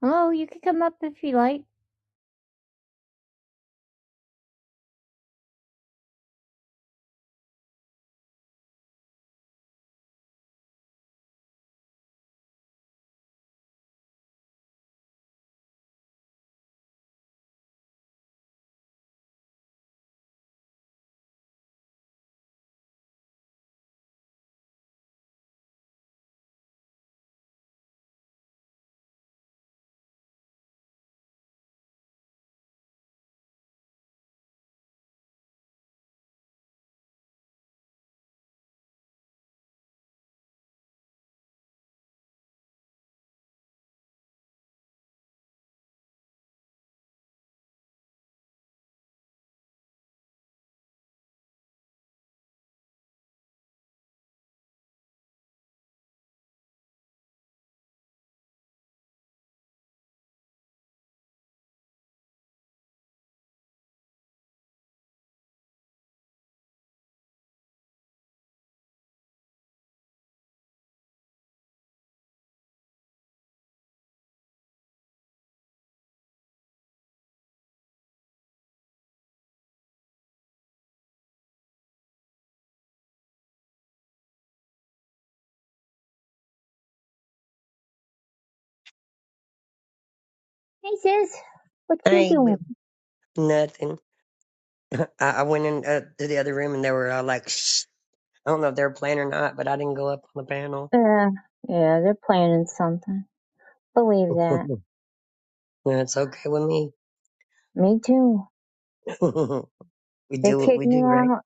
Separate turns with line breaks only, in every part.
Hello, you can come up if you like. Hey sis, what
I
you
ain't
doing?
with nothing. I, I went in uh, to the other room and they were all like, Shh. I don't know if they were playing or not, but I didn't go up on the panel.
Uh, yeah, they're planning something. Believe that.
That's okay with me.
Me too.
we
They
do what we
kicked me
do, right?
out.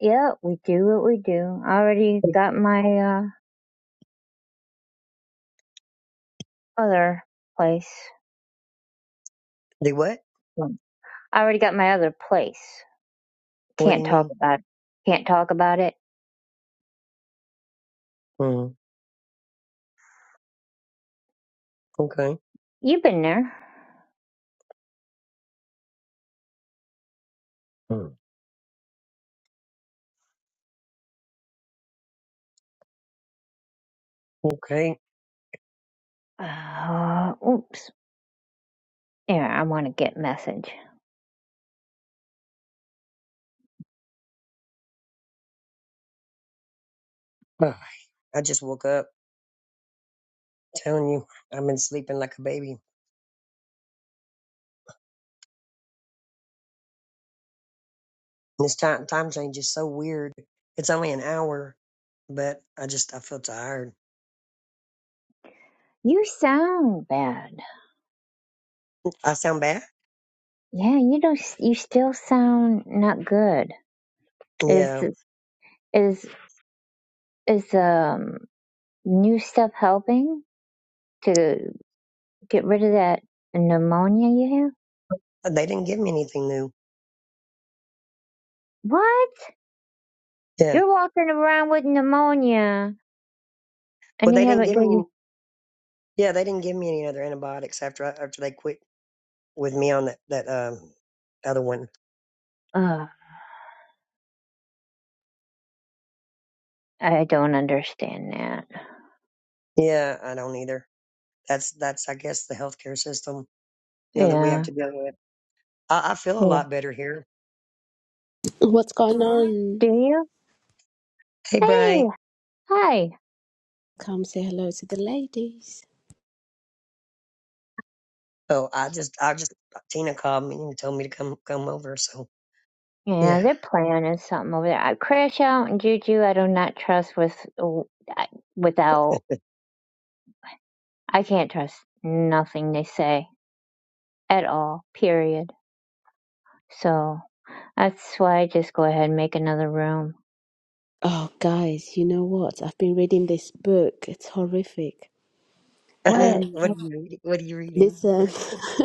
Yeah, we do what we do. I already got my uh other place.
Do what?
Well, I already got my other place.
What do
Can't
you
talk
mean?
about it. Can't talk about it.
Mm, okay.
You've been there.
Mm. Okay.
Uh, oops. Yeah, I want to get message.
Ugh, I just woke up telling you I've been sleeping like a baby. This time time change is so weird. It's only an hour, but I just I feel tired.
You sound bad.
I sound bad.
Yeah, you don't. You still sound not good. Is
Yeah,
Is is um new stuff helping to get rid of that pneumonia you have?
they didn't give me anything new.
What?
Yeah.
You're walking around with pneumonia
Well,
and
they
you
didn't
haven't
give me
given
any. Yeah, they didn't give me any other antibiotics after I, after they quit with me on that that um other one.
Ugh, I don't understand that.
Yeah, I don't either. That's that's I guess the healthcare system you know that we have
Yeah.
to deal with. I, I feel a
Well,
lot better here.
What's going on?
do you?
Hey,
Hey,
Brian.
hi.
Come say hello to the ladies.
Oh, I just I just Tina called me and told me to come come over. So
Yeah,
yeah.
they're planning something over there. I crash out and Juju. I do not trust with I- without. I can't trust nothing they say at all. Period. So. That's why I just go ahead and make another room.
Oh, guys, you know what? I've been reading this book. It's horrific.
What?
Um,
what are you reading? What are you reading?
listen,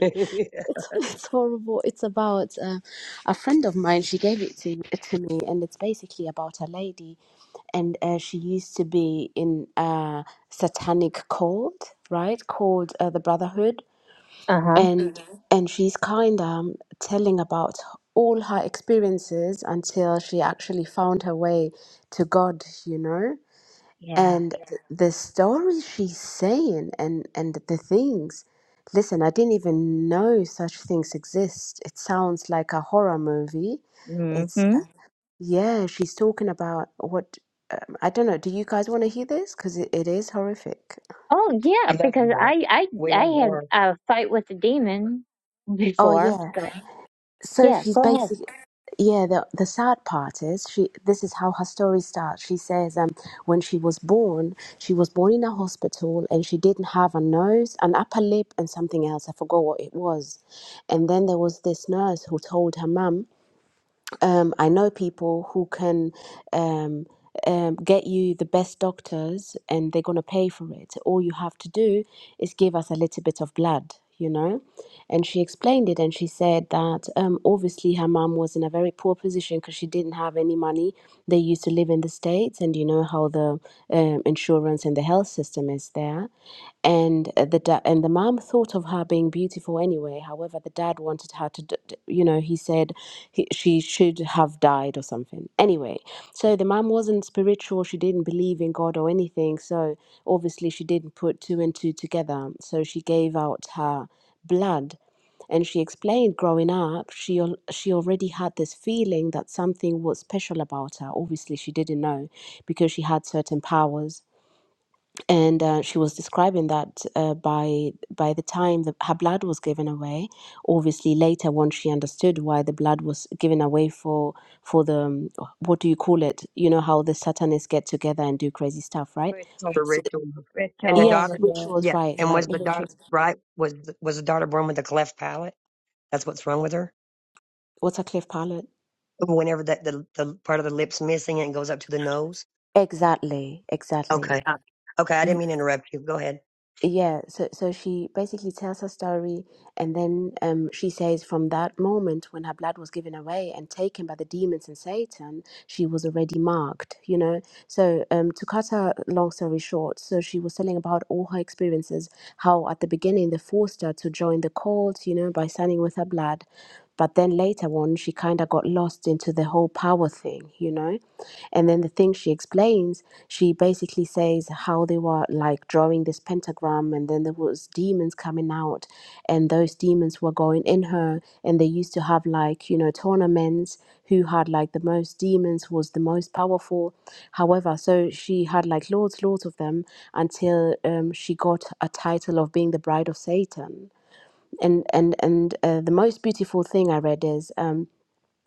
I
it's, it's horrible. It's about uh, a friend of mine. She gave it to, to me, and it's basically about a lady and uh, she used to be in a satanic cult, right? Called uh, the Brotherhood.
Uh huh.
and Mhm. and she's kind of telling about all her experiences until she actually found her way to God, you know,
Yeah.
and Yeah. th- the stories she's saying and and the things. Listen, I didn't even know such things exist. It sounds like a horror movie.
Mm
It's
hmm.
yeah, she's talking about what um, I don't know. Do you guys want to hear this? Because it, it is horrific.
Oh yeah,
love
because
Nora.
I I
We
I
love
had
Nora.
a fight with a demon
Oh
before.
yeah.
So
So
yeah,
she's
go ahead.
basically, yeah. The the sad part is she. This is how her story starts. She says, um, when she was born, she was born in a hospital, and she didn't have a nose, an upper lip, and something else. I forgot what it was. And then there was this nurse who told her mum um, I know people who can um, um, get you the best doctors and they're going to pay for it. All you have to do is give us a little bit of blood, you know? And she explained it and she said that um, obviously her mom was in a very poor position because she didn't have any money. They used to live in the States and you know how the um, insurance insurance and the health system is there and uh, the da- and the mom thought of her being beautiful anyway however the dad wanted her to d- d- you know he said he, she should have died or something anyway so the mom wasn't spiritual she didn't believe in god or anything so obviously she didn't put two and two together so she gave out her blood and she explained growing up she al- she already had this feeling that something was special about her obviously she didn't know because she had certain powers and uh, she was describing that uh, by by the time that her blood was given away, obviously later when she understood why the blood was given away for for the um, what do you call it? You know how the Satanists get together and do crazy stuff, right?
Rituals.
for
So,
ritual. And the
yeah,
Rituals.
the
daughter,
Yeah.
rituals,
yeah.
right,
And
right,
was
the
the daughter
rituals.
right? Was was the daughter born with a cleft palate? That's what's wrong with her.
What's a cliff pilot?
whenever that the, the part of the lips missing and it goes up to the nose.
Exactly, exactly.
Okay. I, okay, I didn't mean to interrupt you. Go ahead.
yeah so so she basically tells her story and then um she says from that moment when her blood was given away and taken by the demons and satan she was already marked you know so um to cut her long story short so she was telling about all her experiences how at the beginning they forced her to join the cult you know by signing with her blood but then later on, she kind of got lost into the whole power thing, you know? And then the thing she explains, she basically says how they were like drawing this pentagram, and then there was demons coming out, and those demons were going in her, and they used to have like you know tournaments. Who had like the most demons was the most powerful. However, so she had like loads, loads of them until um, she got a title of being the bride of Satan and and and uh, the most beautiful thing I read is um,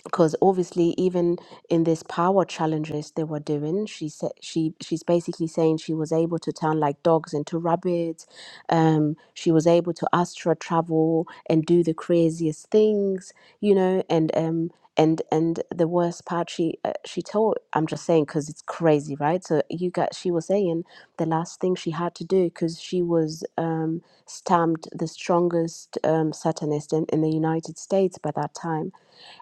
because obviously even in this power challenges they were doing she said she she's basically saying she was able to turn like dogs into rabbits um she was able to astral travel and do the craziest things you know and um and and the worst part she uh, she told i'm just saying because it's crazy right so you got she was saying the last thing she had to do because she was um stamped the strongest um satanist in, in the united states by that time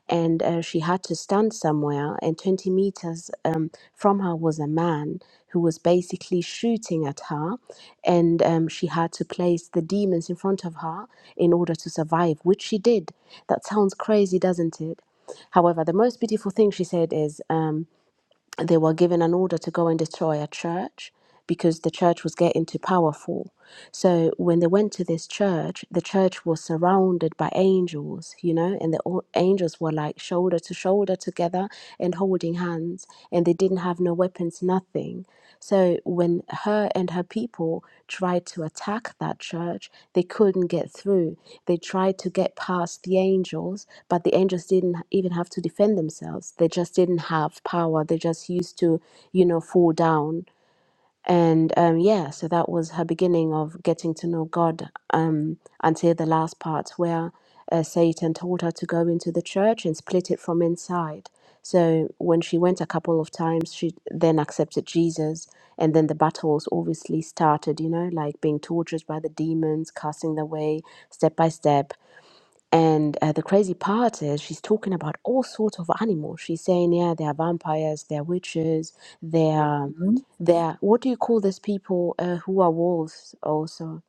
and uh, she had to stand somewhere and 20 meters um, from her was a man who was basically shooting at her and um, she had to place the demons in front of her in order to survive which she did that sounds crazy doesn't it however the most beautiful thing she said is um, they were given an order to go and destroy a church because the church was getting too powerful. So when they went to this church, the church was surrounded by angels, you know, and the o- angels were like shoulder to shoulder together and holding hands, and they didn't have no weapons, nothing. So when her and her people tried to attack that church, they couldn't get through. They tried to get past the angels, but the angels didn't even have to defend themselves. They just didn't have power. They just used to, you know, fall down and um, yeah, so that was her beginning of getting to know God um, until the last part where uh, Satan told her to go into the church and split it from inside. So when she went a couple of times, she then accepted Jesus. And then the battles obviously started, you know, like being tortured by the demons, casting the way, step by step and uh, the crazy part is she's talking about all sorts of animals. She's saying, yeah, they are vampires, they are witches, they are,
Mm-hmm.
they are what do you call those people uh, who are wolves also?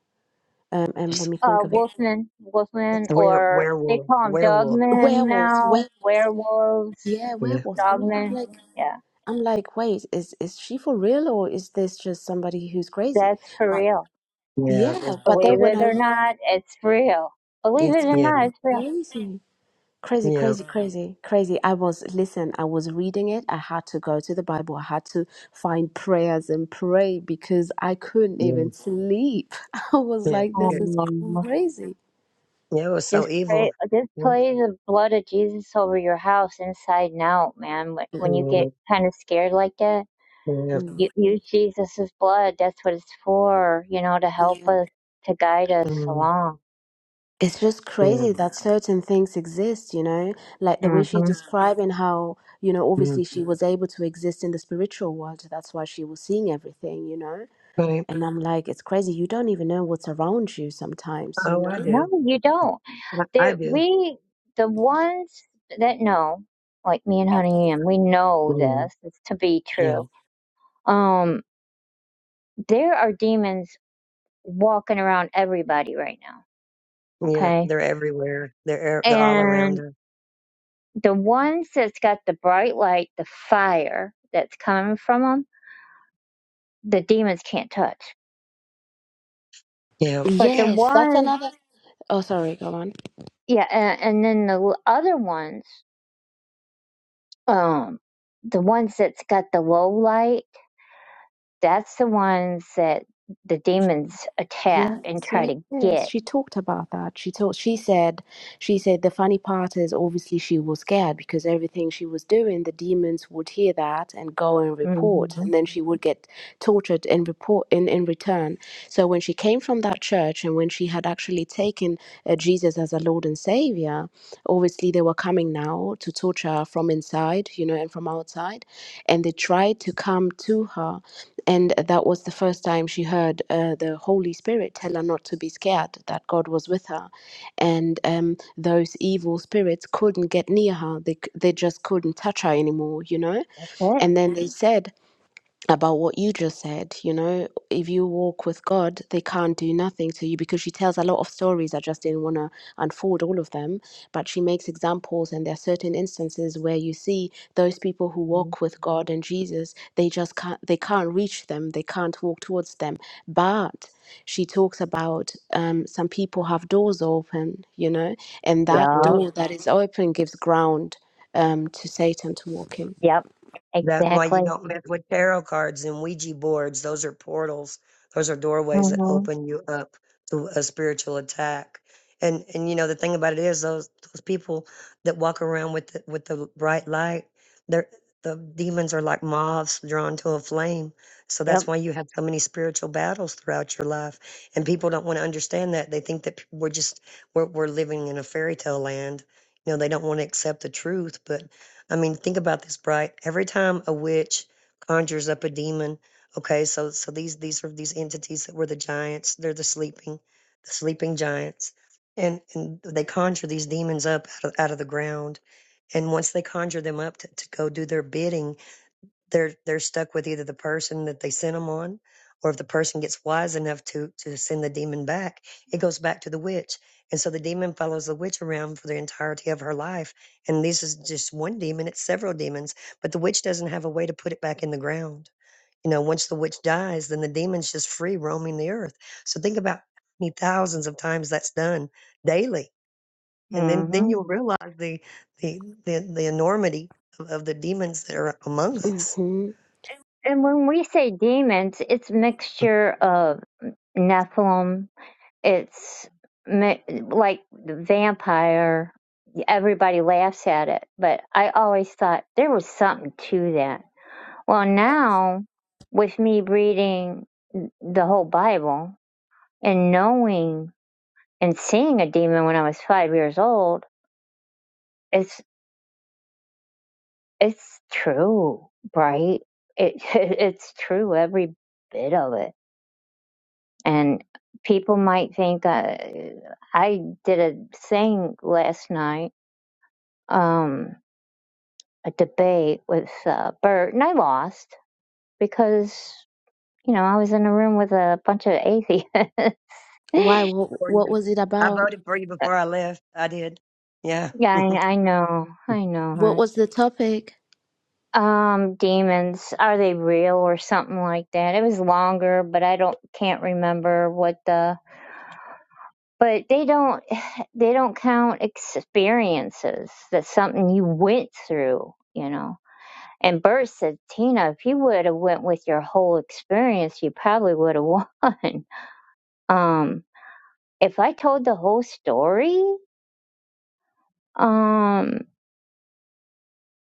Um, um, let me
Uh,
think of it.
Wolfman, Wolfman,
Where
or they
werewolf
call them
werewolf.
dogmen
Werewolves,
now.
were
Werewolves,
yeah,
Yeah.
werewolves. I'm, I'm
dogmen.
like,
Yeah,
I'm like, wait, is is she for real or is this just somebody who's crazy?
that's for
But
real.
Yeah.
yeah,
It's,
but then
Believe
oh,
when
it
I,
or not, it's real. Believe it
it's
or
yeah.
not, it's real.
crazy. crazy
Yeah.
crazy crazy crazy i was listen i was reading it i had to go to the bible i had to find prayers and pray because i couldn't
Yeah.
even sleep i was
Yeah.
like this
It,
is
Um,
crazy
yeah, it was
Just
so evil.
pray, just
Yeah.
play the blood of Jesus over your house inside and out, man. When when you
Yeah.
yeah
get kind of scared like that,
Yeah.
Mm,
you
mm.
use Jesus's blood. That's what it's for, you know, to help us, to guide us
Mm,
along.
it's just
yeah.
crazy that certain things exist you know like the way
hmm
she describing how you know obviously
Mm.
she was able to exist in the spiritual world that's why she was seeing everything you know
Right.
and i'm like it's crazy you don't even know what's around you sometimes you
Oh, I
know
No,
do.
you don't.
I, I
There,
do.
we, the ones that know, like me and Honey and we know
Mm,
this. It's to be
Yeah.
true. Um, there are demons walking around everybody right now.
Yeah.
Okay,
They're everywhere. They're e- they're all
and.
around us.
the ones that's got the bright light, the fire that's coming from them, the demons can't touch. But the
Yes, that's
ones,
another. Oh, sorry, go on.
yeah, and, and then the l- other ones, um, the ones that's got the low light, that's the ones that the demons attack
Yes,
and try
yes,
to
yes.
get.
She talked about that. She told she said she said the funny part is obviously she was scared because everything she was doing, the demons would hear that and go and report,
Mm-hmm.
and then she would get tortured in report in, in return. So when she came from that church and when she had actually taken uh, Jesus as a Lord and Savior, obviously they were coming now to torture her from inside, you know, and from outside, and they tried to come to her and that was the first time she heard uh, the holy spirit tell her not to be scared that god was with her and um, those evil spirits couldn't get near her they, c- they just couldn't touch her anymore you know
It.
and then they Mhm. said about what you just said. You know, if you walk with God, they can't do nothing to you because she tells a lot of stories. I just didn't want to unfold all of them, but she makes examples, and there are certain instances where you see those people who walk with God and Jesus, they just can't, they can't reach them, they can't walk towards them. But she talks about um, some people have doors open, you know, and that
Yeah.
Yep.
door that is open gives ground um, to Satan to walk in.
Yep.
That's why you
Exactly.
don't mess with tarot cards and Ouija boards. Those are portals. Those are doorways that
Mm-hmm.
open you up to a spiritual attack. And and you know the thing about it is those those people that walk around with the, with the bright light, they're the demons are like moths drawn to a flame. So
Yep.
that's why you have so many spiritual battles throughout your life. And people don't want to understand that. They think that p- we're just we're, we're living in a fairy tale land. You know, they don't want to accept the truth, but I mean, think about this, Bright. Every time a witch conjures up a demon, okay, so so these these are these entities that were the giants. They're the sleeping, the sleeping giants, and and they conjure these demons up out of, out of the ground. And once they conjure them up to, to go do their bidding, they're they're stuck with either the person that they sent them on or if the person gets wise enough to to send the demon back it goes back to the witch and so the demon follows the witch around for the entirety of her life and this is just one demon it's several demons but the witch doesn't have a way to put it back in the ground you know once the witch dies then the demon's just free roaming the earth so think about how many thousands of times that's done daily and then
Mm-hmm.
then you'll realize the the the, the enormity of, of the demons that are among us
Mm-hmm.
And when we say demons, it's a mixture of Nephilim it's like the vampire everybody laughs at it but i always thought there was something to that well now with me reading the whole bible and knowing and seeing a demon when i was five years old it's it's true right it it it's true every bit of it and people might think I i did a thing last night um a debate with uh, Bert, and I lost because you know I was in a room with a bunch of atheists.
Why?
yeah,
What,
for
what
you.
was it
I
about?
voted for you before I left. I did. Yeah.
I, I know, I know.
What
Hun.
was the topic?
Um, demons are they real or something like that? It was longer, but I don't can't remember what the. But they don't they don't count experiences. That's something you went through, you know. And Bert said, Tina, if you would have went with your whole experience, you probably would have won. Um, if I told the whole story, um,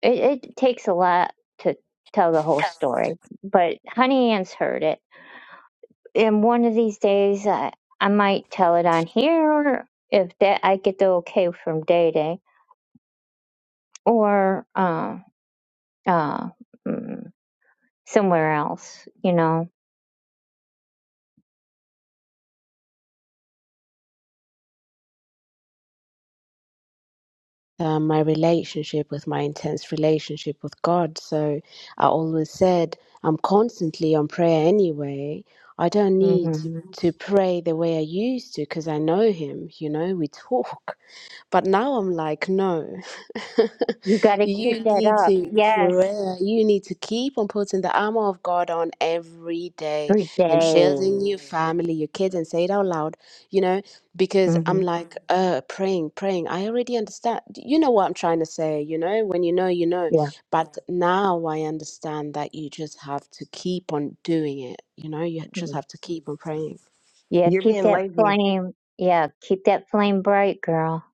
it, it takes a lot to tell the whole story. But Honey Ann's heard it, and one of these days I I might tell it on here if that I get the okay from Day Day or uh, uh, mm, somewhere else. You know,
uh, my relationship with my intense relationship with God. So I always said I'm constantly on prayer anyway. I don't need to,
hmm
to pray the way I used to because I know Him. You know, we talk. But now I'm like, no,
you got to
you
keep that
need
up.
to
Yes,
pray. You need to keep on putting the armor of God on every day
every day.
and shielding your family, your kids, and say it out loud, you know, because I'm
Mm-hmm.
like, uh, praying, praying. I already understand. You know what I'm trying to say, you know, when you know, you know.
Yeah.
But now I understand that you just have to keep on doing it, you know, you just have to keep on praying.
Yeah,
You're
keep
being
that
lazy.
flame. Yeah, keep that flame bright, girl.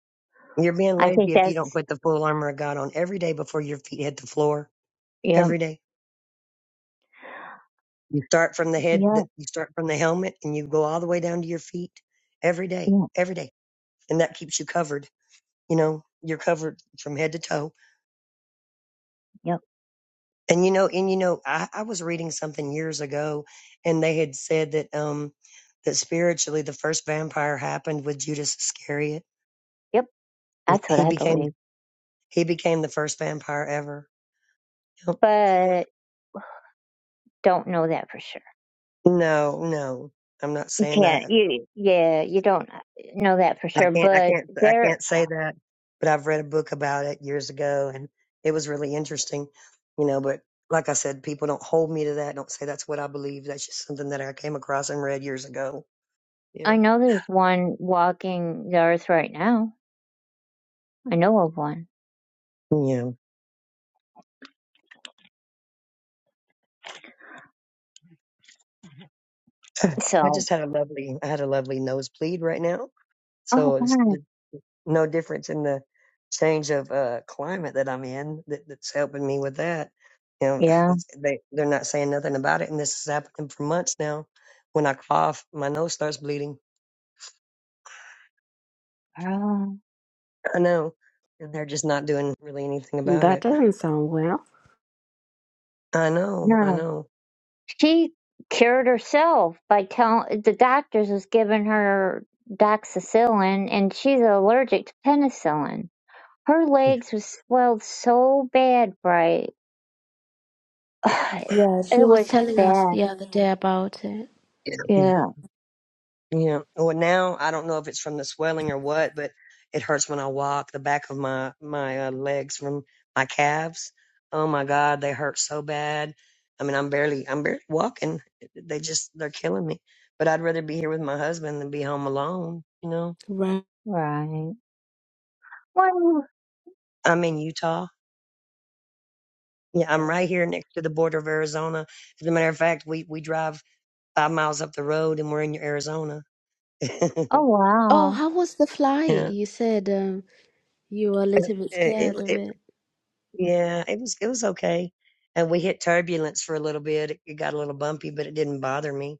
You're being
I
lazy
think
if you don't
that's
put the full armor of God on every day before your feet hit the floor.
yeah,
Every day. You start from the head,
yeah,
the- you start from the helmet and you go all the way down to your feet every day,
yeah,
every day. And that keeps you covered. You know, you're covered from head to toe.
yep,
And you know, and you know, I, I was reading something years ago and they had said that, um, that spiritually the first vampire happened with Judas Iscariot.
yep. That's what
He
I
became
believe,
He became the first vampire ever. Yep.
but don't know that for sure.
No, no, I'm not
You
saying
can't.
that.
You yeah, you don't know that for
I
sure.
can't, I
But
can't, I
there,
can't say that. But I've read a book about it years ago, and it was really interesting, you know. But like I said, people don't hold me to that. Don't say that's what I believe. That's just something that I came across and read years ago. Yeah,
I know there's one walking the earth right now. I know of one.
yeah. I
So,
just had a lovely, I had a lovely nosebleed right now,
oh
so it's
God,
no difference in the change of uh, climate that I'm in that, that's helping me with that. You know,
yeah,
it's, they they're not saying nothing about it, and this is happening for months now. When I cough, my nose starts bleeding.
girl.
I know, and they're just not doing really anything about
That
it.
doesn't sound well.
I know, I
no.
know.
She cured herself by telling the doctors was giving her doxycycline, and she's allergic to penicillin. Her
Yeah,
legs was swelled so bad, right?
yeah,
Yeah, she
It was
was telling us
bad.
the other day about it.
yeah.
Yeah,
Yeah. Well, now I don't know if it's from the swelling or what, but it hurts when I walk. The back of my my uh, legs from my calves. Oh my God, they hurt so bad. I mean, I'm barely I'm barely walking. They just they're killing me. But I'd rather be here with my husband than be home alone. You know,
Right.
right. Well,
I'm in Utah. Yeah, I'm
yeah.
right here next to the border of Arizona. As a matter of fact, we we drive five miles up the road and we're in Arizona.
Oh
Oh,
wow.
how was the flight?
yeah, it,
You said um, you were a little bit scared of
it,
it.
Yeah, it was it was okay. And we hit turbulence for a little bit. It, it got a little bumpy, but it didn't bother me.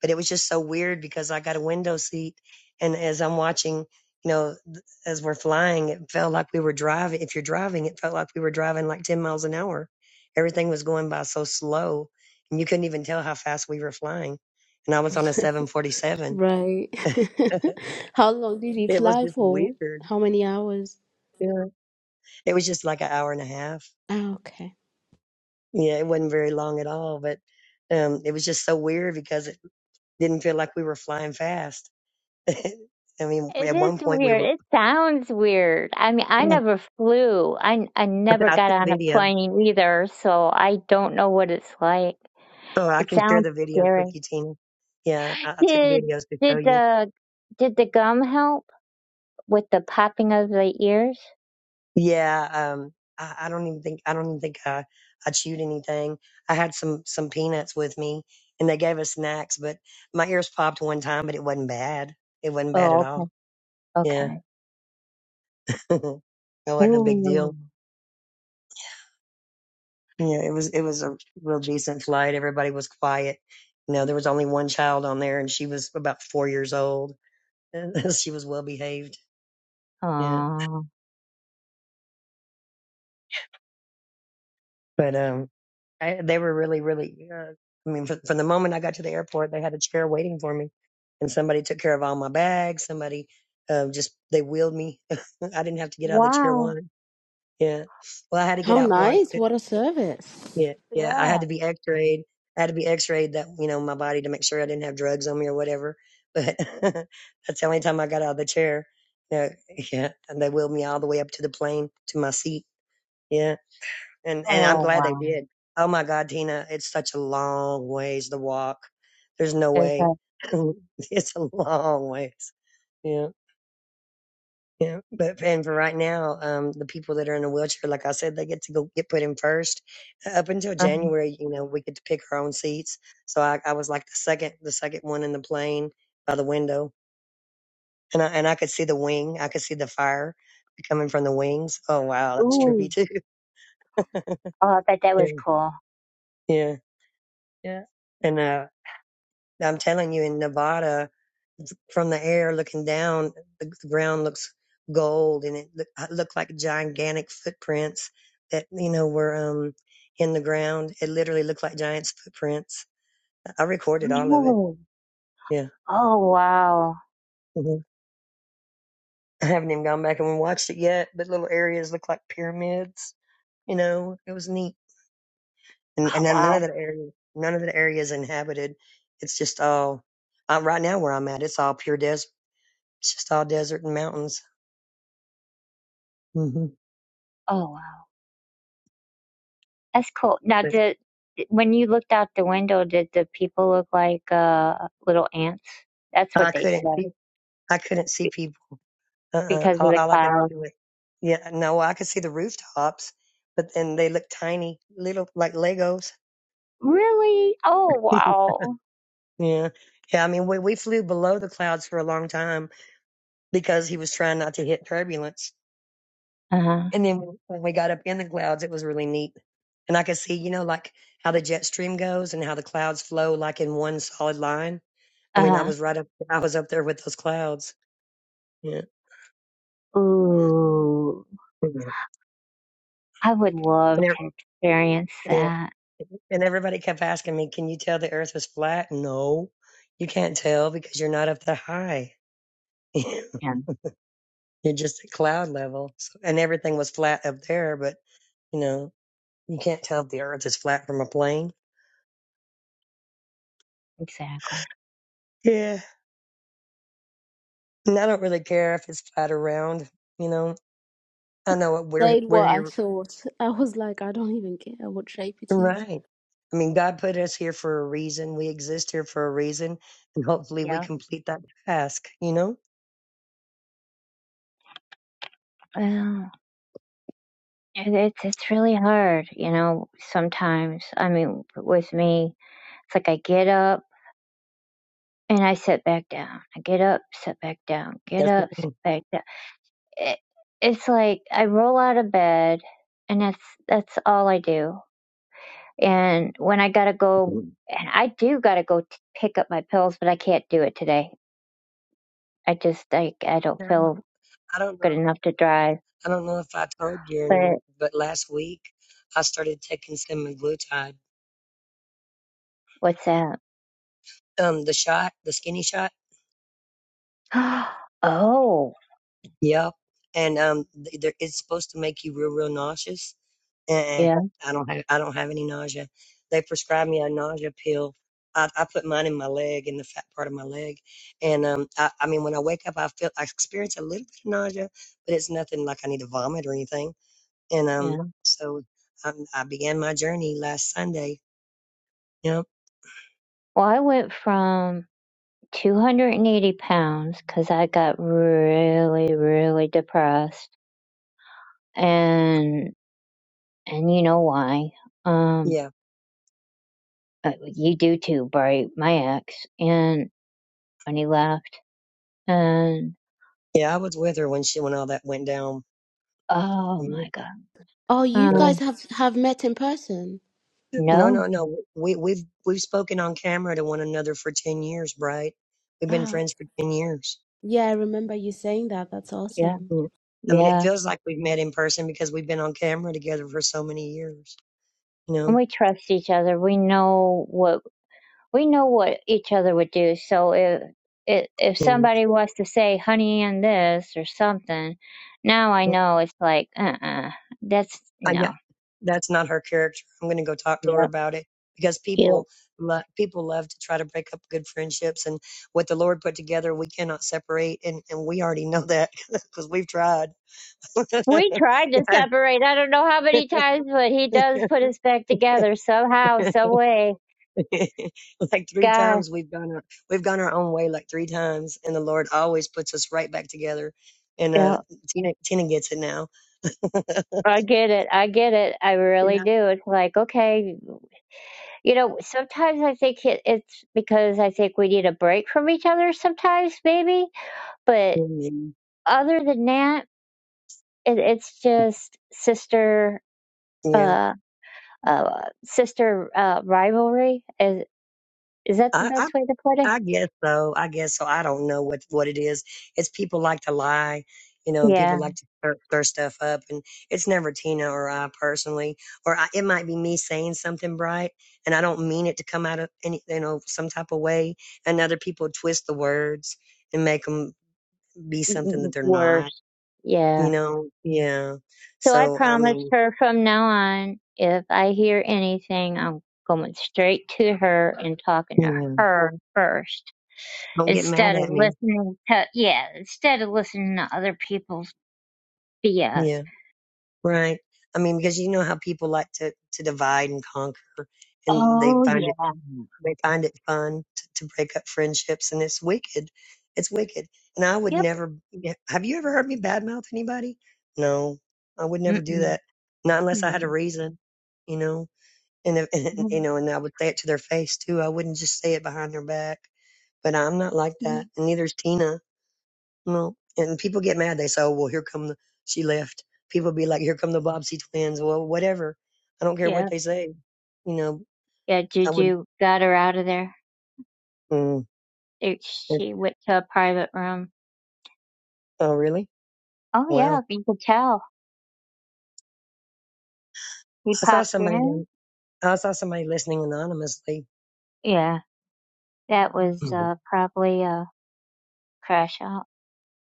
But it was just so weird because I got a window seat, and as I'm watching, you know, th- as we're flying, it felt like we were driving. If you're driving, it felt like we were driving like 10 miles an hour. Everything was going by so slow, and you couldn't even tell how fast we were flying. And I was on a 747.
Right. How long did you
it was
fly
just
for?
weird.
How many hours?
Yeah. It was just like an hour and a half.
Ah, okay.
Yeah, it wasn't very long at all, but um, it was just so weird because it didn't feel like we were flying fast. I mean,
It
at
is
one point we
weird.
were.
It sounds weird. I mean, I
Yeah,
never flew. I I never
I, I
got
took
on a
video,
plane either, so I don't know what it's like.
so I
It
can share
sounds
the videos
scary.
with you, Tina. Yeah, I, I took
Did
videos to show
did
you.
the did the gum help with the popping of the ears?
Yeah, um, I, I don't even think I don't even think I, I chewed anything. I had some some peanuts with me, and they gave us snacks, but my ears popped one time, but it wasn't bad. It wasn't bad at
Oh,
all.
okay,
Yeah,
okay.
it wasn't a big deal.
Ooh.
Yeah, it was it was a real decent flight. Everybody was quiet. You know, there was only one child on there, and she was about four years old. she was well behaved. Yeah,
Oh,
but um, I, they were really, really. Uh, I mean, from, from the moment I got to the airport, they had a chair waiting for me, and somebody took care of all my bags. Somebody uh, just they wheeled me. I didn't have to get out of the chair
wow.
once. Yeah, well, I had to get
How
out once.
nice. What a service.
Yeah, yeah. I had
Yeah.
to be X-rayed. I had to be X-rayed that you know my body to make sure I didn't have drugs on me or whatever. But that's the only time I got out of the chair. Yeah, yeah. And they wheeled me all the way up to the plane to my seat. Yeah, and and I'm
Oh,
glad they
wow.
did. Oh my God, Tina, it's such a long ways to walk. There's no
Is
way.
that?
it's a long ways. yeah you know, but and for right now, um, the people that are in a wheelchair, like I said, they get to go get put in first. Uh, Up until
um,
January, you know, we get to pick our own seats. So I, I was like the second, the second one in the plane by the window, and I and I could see the wing, I could see the fire coming from the wings. Oh wow, that's trippy
Ooh.
too.
Oh, I bet that
yeah,
was cool.
yeah, yeah. And uh, I'm telling you, in Nevada, from the air looking down, the, ground looks gold and it uh, looked like gigantic footprints that, you know, were um, in the ground. It literally looked like giant's footprints. I recorded all of it.
Really?
Yeah.
Oh, wow.
hmm I haven't even gone back and watched it yet, but little areas look like pyramids. You know, it was neat. And,
Oh,
and then none of
wow.
that area, none of that area is inhabited. It's just all, uh, right now where I'm at, it's all pure desert. It's just all desert and mountains. hmm
Oh, wow. That's cool. Now, did when you looked out the window, did the people look like uh little ants? That's
I
what they
couldn't.
said
I couldn't see
be-
people. Uh-uh.
because of
All,
the
all I could
clouds.
do it. Yeah, no, well, I could see the rooftops, but then they looked tiny, little like Legos.
Really? Oh,
yeah,
wow.
yeah. I mean, we we flew below the clouds for a long time because he was trying not to hit turbulence.
Uh huh.
And then when we got up in the clouds, it was really neat, and I could see, you know, like how the jet stream goes and how the clouds flow like in one solid line. I
Uh
mean, I
huh.
was right up, I was up there with those clouds. Yeah,
Ooh,
yeah.
I would love
And, there-
to experience
yeah.
that.
And everybody kept asking me, "Can you tell the Earth was flat?" No, you can't tell because you're not up that high.
Yeah,
you're just at cloud level, so, and everything was flat up there. But you know, you can't tell if the Earth is flat from a plane.
exactly.
Yeah, and I don't really care if it's flat or round. You know, I know what we're
Said
we're
what I
here
thought. I was like, I don't even care what shape it is.
right. I mean, God put us here for a reason. We exist here for a reason, and hopefully, we
Yep.
complete that task. You know,
Well, it- it's it's really hard, you know. Sometimes, I mean, with me, it's like I get up and I sit back down. I get up, sit back down. Get
that's
up,
me.
sit back down. It, it's like I roll out of bed, and that's that's all I do And when I gotta
I
go,
mean.
and I do gotta go t- pick up my pills, but I can't do it today. I just like I don't feel
I don't
good
know.
enough to drive.
I don't know if I told you or not,
But
but last week I started taking semaglutide.
what's that?
Um, the shot, the skinny shot.
oh,
Yep. And um, th- there, it's supposed to make you real, real nauseous. Uh-uh.
yeah,
I don't have, I don't have any nausea. They prescribed me a nausea pill. I, I put mine in my leg, in the fat part of my leg, and um, I, I mean, when I wake up, I feel, I experience a little bit of nausea, but it's nothing like I need to vomit or anything. And um,
yeah.
so I, I began my journey last Sunday. Yep.
Well, I went from 280 pounds because I got really, really depressed, and and you know why? Um,
Yeah.
uh, you do too, Bright, my ex, and when he left, and
Yeah, I was with her when she when all that went down.
oh
Mhm.
my god.
Oh, you
um,
Yeah.
guys have have met in person.
No,
No,
no, no. We we've we've spoken on camera to one another for ten years, right? We've been
Oh,
friends for ten years.
yeah, I remember you saying that. That's
yeah,
awesome.
Yeah. I mean, it
yeah.
feels like we've met in person because we've been on camera together for so many years. You
And
know,
we trust each other. We know what we know what each other would do. So if if if
you
somebody wants to say honey and this or something, now I
know. yeah.
know it's like uh uh that's
I, yeah,
no.
that's not her character. I'm going to go talk to her
Yep.
about it because
Yep.
people lo- people love to try to break up good friendships and what the Lord put together, we cannot separate, and and we already know that because we've tried.
We tried to separate. I don't know how many times, but he does put us back together somehow, some way.
like three
God,
times we've gone our, we've gone our own way like three times and the lord always puts us right back together and uh
yeah,
tina tina gets it now
I get it. I get it. I really
yeah
do. It's like okay, You know, sometimes I think it, it's because I think we need a break from each other sometimes, maybe. But
Mhm.
other than that, it, it's just sister,
yeah
uh, uh, sister uh, rivalry. Is is that the
i i
best way to put it?
i guess so i guess so i don't know what what it is it's people like to lie you know and people
Yeah,
like to stir, stir stuff up and it's never tina or i personally or I, it might be me saying something bright and i don't mean it to come out of any you know some type of way and other people twist the words and make 'em be
Mm,
something that
mm,
they're not,
worse. Yeah.
you know? Yeah.
So I
So, I
promised
mean,
her from now on, if I hear anything, I'm going straight to her and talking to
yeah,
her first
don't get mad
instead of
at me.
listening to yeah instead of listening to other people's bs
Yeah. Right. I mean, because you know how people like to, to divide and conquer and they
oh
find it,
yeah
they find it fun to, to break up friendships and it's wicked. It's wicked. And I would
yep
never, yeah, have you ever heard me badmouth anybody? No, I would never do
Mm-mm.
that. Not unless I had a
Mm.
reason, you know? And, if- and, you
Mm.
know, and I would say it to their face too. I wouldn't just say it behind their back But I'm not like
Mm.
that, and neither is Tina. No, and people get mad. They say, "Oh, well, here come the she left." People be
yeah
like, "Here come the Bobbsey twins." Well, whatever. I don't care what
yeah
they say. You know,
yeah
I would.
juju got her out of there
Mm,
It- she went to a private room
oh, really?
oh yeah
Wow.
you could tell he
I saw
popped
somebody
in
down. I saw somebody listening anonymously.
yeah that was
Mhm.
uh probably a crash out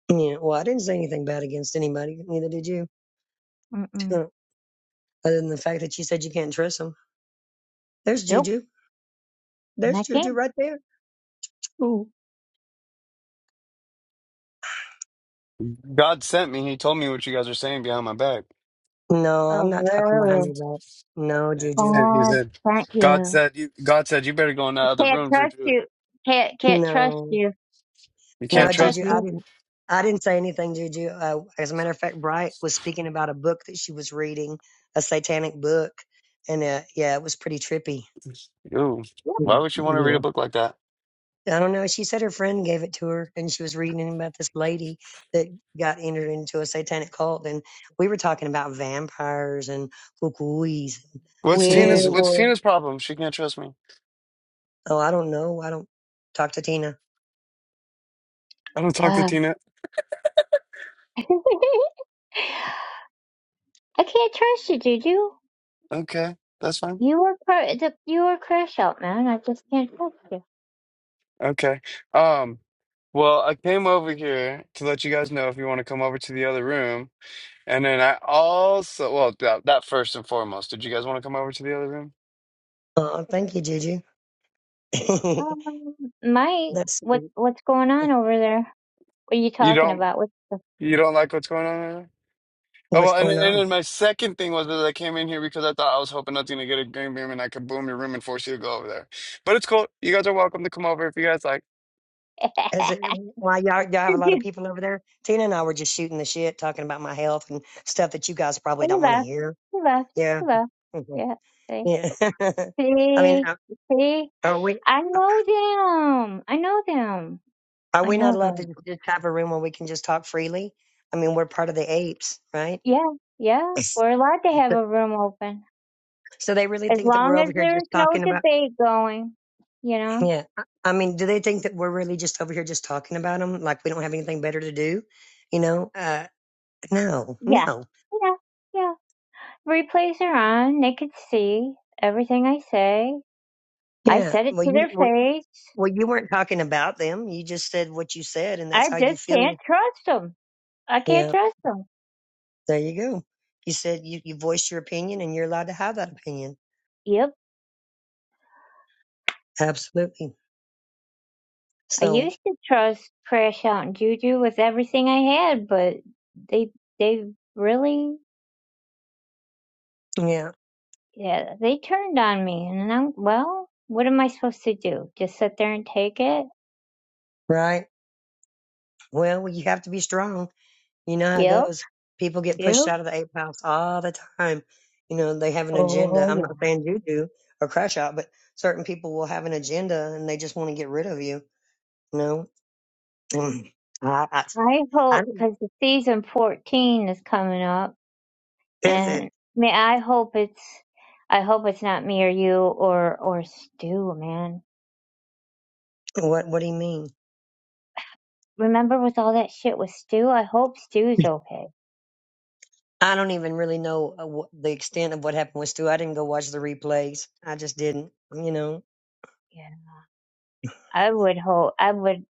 Yeah. Well, I didn't say anything bad against anybody. Neither did you.
Mm-mm.
Other than the fact that you said you can't trust them. There's
nope
Juju.
and
There's
i
Juju
can't
right there. Ooh.
God sent me. He told me what you guys are saying behind my back.
No,
oh
I'm not talking behind
really
your back. No, Juju.
And he
god
said,
thank
God
you
said, you, God said, you better go in that
I
other
can't
room,
trust
Juju.
you can't can't trust
No.
you
You
Can't
No,
can't
trust
trust
Juju, I
me?
you.
didn't. I didn't say anything, Juju. Uh, as a matter of fact, Bright was speaking about a book that she was reading, a satanic book, and uh, yeah, it was pretty trippy.
Ooh,
Yeah.
why would you want to read a book
Yeah.
like that?
I don't know. She said her friend gave it to her, and she was reading about this lady that got entered into a satanic cult. And we were talking about vampires and kukuis.
What's
Weird
Tina's,
oh,
what's
one.
Tina's problem? She can't trust me.
I don't know. I don't talk to Tina.
I don't talk to
Ah.
Tina.
I can't trust you, Juju.
Okay, that's fine.
You were cr- the, you were crash out, man. I just can't trust you.
Okay. Um, well, I came over here to let you guys know if you want to come over to the other room. And then I also, well, that, that first and foremost, did you guys want to come over to the other room?
Oh, thank you, Juju.
Um, my
That's
what
sweet.
what's going on over there? What are you
You
talking
don't,
about? What's the
you don't like what's going on? right now? Oh, well,
what's
and
going
and
on.
then my second thing was that I came in here because I thought I was hoping nothing to get a green beam and I could boom your room and force you to go over there. But it's cool. You guys are welcome to come over if you guys like.
As it, why y'all y'all have a lot of
Juju?
people over there. Tina and I were just shooting the shit, talking about my health and stuff that you guys probably
He
don't want to
left.
hear.
He left.
Yeah,
He left.
Mhm.
Yeah. See,
yeah. I mean,
see,
are
see.
are we
I
uh,
know them. I know them.
are
I
we not
know
allowed to
them.
just have a room where we can just talk freely? I mean, we're part of the apes, right?
Yeah, yeah. We're allowed to have
Yes.
a room open.
So they really
as
think that we're
long
over
as
here
there's
just
no
talking about,
debate going, you know.
yeah. I I mean, do they think that we're really just over here just talking about them? Like we don't have anything better to do, you know? Uh, no,
Yeah,
no.
yeah, yeah. Replays are on. They could see everything I say. I
Yeah.
said it
Well,
to
you,
their
well,
face.
Well, you weren't talking about them. You just said what you said, and
I
that's how you
just
feel.
can't trust them. I can't
Yeah,
trust them.
there you go. You said you, you voiced your opinion, and you're allowed to have that opinion.
Yep.
Absolutely.
I
So,
used to trust Crash Out and Juju with everything I had, but they they really
yeah,
yeah they turned on me, and I'm well. What am I supposed to do? Just sit there and take it?
right. Well, you have to be strong. You know how it
Yep.
goes. People get
Yep.
pushed out of the ape house all the time. You know, they have an agenda.
Oh
I'm
yeah.
not saying you do or crash out, but certain people will have an agenda and they just want to get rid of you. You know, Mm. I, I,
I
I,
hope
don't-
because season fourteen is coming up,
is it?
and may I hope it's, I hope it's not me or you or or Stu, man.
What, what do you mean?
Remember with all that shit with Stu, I hope Stu's okay.
I don't even really know uh, wh- the extent of what happened with Stu. I didn't go watch the replays. I just didn't, you know.
Yeah, I would hope, I would,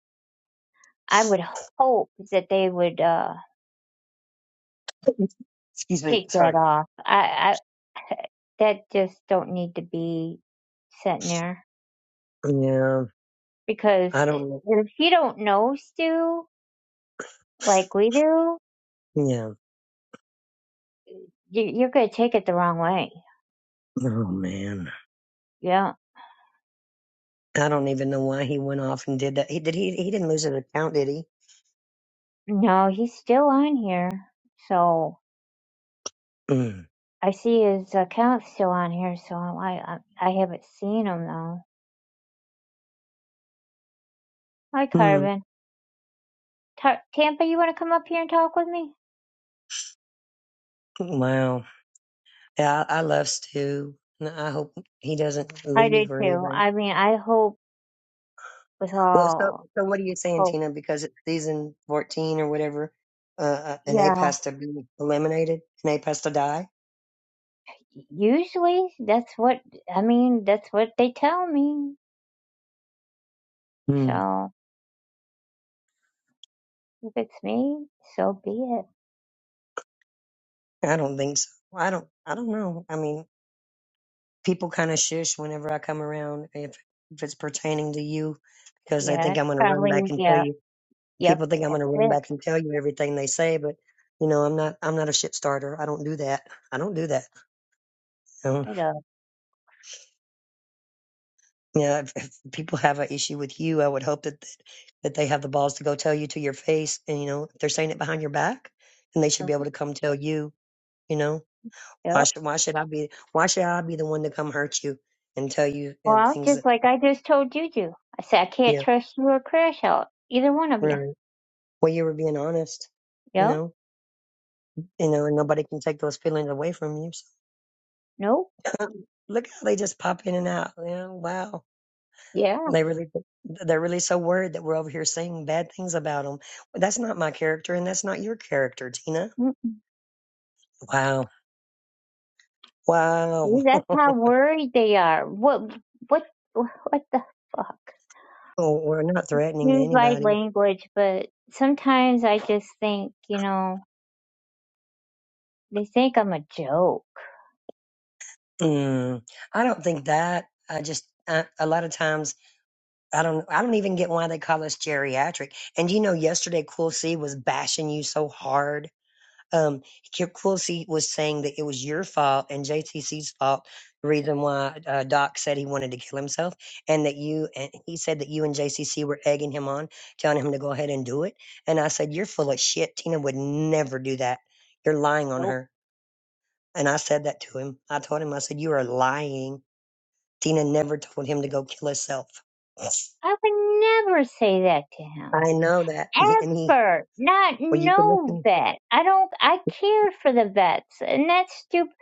I would hope that they would uh
Excuse me.
take that
Sorry.
off. I, I that just don't need to be sitting there
Yeah.
because
I
i-
don't know.
if you don't know Stu like we do,
Yeah.
you- you're gonna take it the wrong way.
Oh man.
Yeah
I don't even know why he went off and did that. He did. He he didn't lose an account, did he?
No, he's still on here. So
Mm.
I see his account still on here. So I I, I haven't seen him though. Hi,
Mm.
Carmen. Ta- Tampa, you want to come up here and talk with me?
Wow. Yeah. I, I love Stu. and I hope he doesn't
I do
leave or
too.
anything.
I mean, I hope with
Well, so
all
so what are you saying,
hope.
Tina? Because it's season fourteen or whatever, uh, uh, an ape
Yeah.
has to be eliminated. An ape has to die.
Usually, that's what I mean. That's what they tell me.
Hmm.
So if it's me, so be it.
I don't think so. Well, I don't. I don't know. I mean, people kind of shush whenever I come around if if it's pertaining to you, because they
Yeah,
think
it's
I'm going to run
probably
back and tell
yeah.
you.
Yep,
People think I'm
that's
going to run
it.
back and tell you everything they say, but you know, I'm not. I'm not a shit starter. I don't do that. I don't do that. So,
I know.
yeah, if, if people have an issue with you, I would hope that that they have the balls to go tell you to your face, and you know, if they're saying it behind your back, then they should be
Mhm.
able to come tell you. You know Why
Yep.
should why should I be why should I be the one to come hurt you and tell you and
Well,
things
just
that
like I just told Juju, I said I can't
yeah
trust you or Crash out, either one of you.
right well you were being honest you
No,
know you know and nobody can take those feelings away from you so,
no,
look how they just pop in and out you know wow
yeah.
they really they're really so worried that we're over here saying bad things about them that's not my character and that's not your character Tina
Mm-mm.
wow wow
See, That's how worried they are. What, what, what the fuck?
we're not threatening to
Use light
anybody
language, but sometimes I just think, you know, they think I'm a joke.
mm. I don't think that I just I, a lot of times. I don't I don't even get why they call us geriatric. And you know, yesterday Quilcy was bashing you so hard. Um, Quilcy was saying that it was your fault and JTC's fault. The reason why uh, Doc said he wanted to kill himself, and that you and he said that you and JCC were egging him on, telling him to go ahead and do it. And I said, "You're full of shit. Tina would never do that. You're lying on
Nope.
her." And I said that to him. I told him, I said, "You are lying. Tina never told him to go kill herself."
I would never say that to him.
I know that. And he, and he,
Ever. Not
well, you can
no
listen.
vet. I don't, I care for the vets, and that's stupid.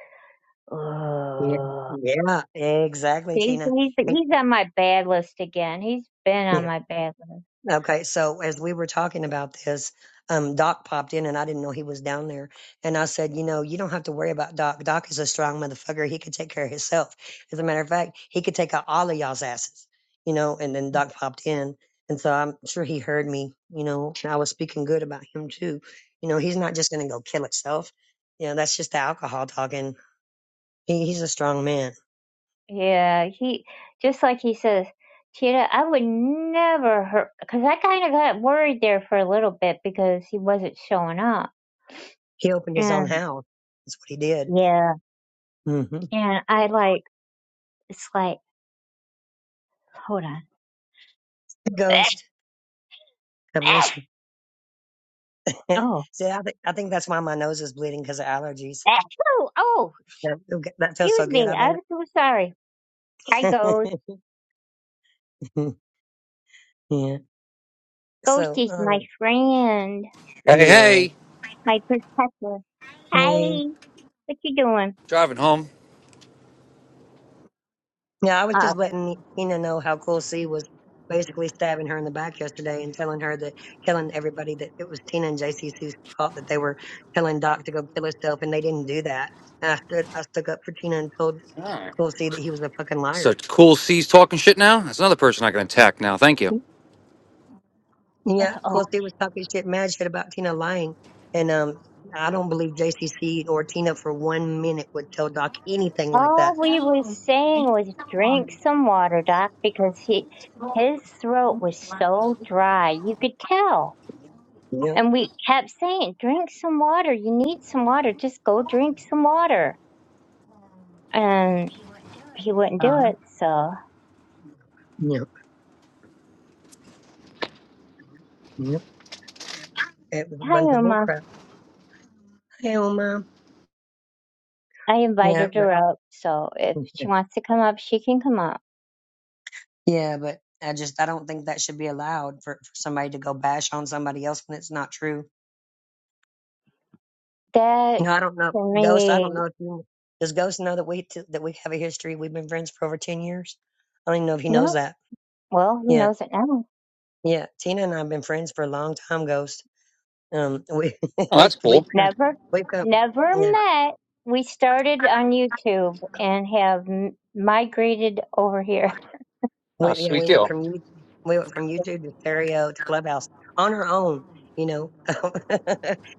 Yeah. Yeah, exactly,
He's
Tina.
he's
And,
he's on my bad list again. He's been on
yeah.
my bad list.
Okay. So as we were talking about this, um, Doc popped in and I didn't know he was down there. And I said, you know, you don't have to worry about Doc. Doc is a strong motherfucker. He could take care of himself. As a matter of fact, he could take out all of y'all's asses, you know, and then Doc popped in. And so I'm sure he heard me, you know, and I was speaking good about him too. You know, he's not just going to go kill himself. You know, that's just the alcohol talking He, he's a strong man.
Yeah, he just like he says, Tita, I would never hurt because I kind of got worried there for a little bit because he wasn't showing up,
He opened his own
and
house. That's what he did.
yeah,
Mm-hmm.
and I like it's like hold on.
Ghost. God
Oh,
bless you.
oh,
See, I think I think that's why my nose is bleeding because of allergies.
oh,
That, that feels so
excuse
good.
me.
I
I'm
bet.
so sorry. I go
yeah.
ghost
So,
is my
um,
friend,
Hey,
yeah.
hey,
my protector.
Hey.
Hi, what you doing?
driving home.
Yeah, I was
Uh,
just letting Ina know how cool C was basically stabbing her in the back yesterday and telling her that, telling everybody that it was Tina and JC Sue's fault that they were telling Doc to go kill herself and they didn't do that. And I stood, I stuck up for Tina and told
Oh,
Quilty that he was a fucking liar.
So cool C's talking shit now. That's another person I can attack now. Thank you.
Yeah,
oh,
Quilty was talking shit, mad shit about Tina lying. And um, I don't believe JCC or Tina for one minute would tell Doc anything like that.
all we was saying was drink some water, Doc, because he, his throat was so dry. You could tell.
Yep,
And we kept saying, drink some water. You need some water. Just go drink some water. And he wouldn't do it. So,
yep, yep. It was a
hi,
bunch of
Uma.
bullcrap. Hell, mom.
I
Yeah,
invited
but
her up, so if she wants to come up, she can come up.
yeah, but I just I don't think that should be allowed for, for somebody to go bash on somebody else when it's not true. You
That
know, I don't know,
for
Ghost. I don't
me,
know if you does Ghost know that we t- that we have a history. We've been friends for over ten years. I don't even know if he knows
no.
that.
Well, he
Yeah.
knows it now.
Yeah, Tina and I have been friends for a long time, Ghost. Um, we
Oh,
we've
that's
we've
cool.
come-
Never,
we've come,
never
yeah,
met. We started on YouTube and have m- migrated over here.
Oh,
we yeah
sweet
we went
deal.
from you- we went from YouTube to stereo to Clubhouse on our own, you know,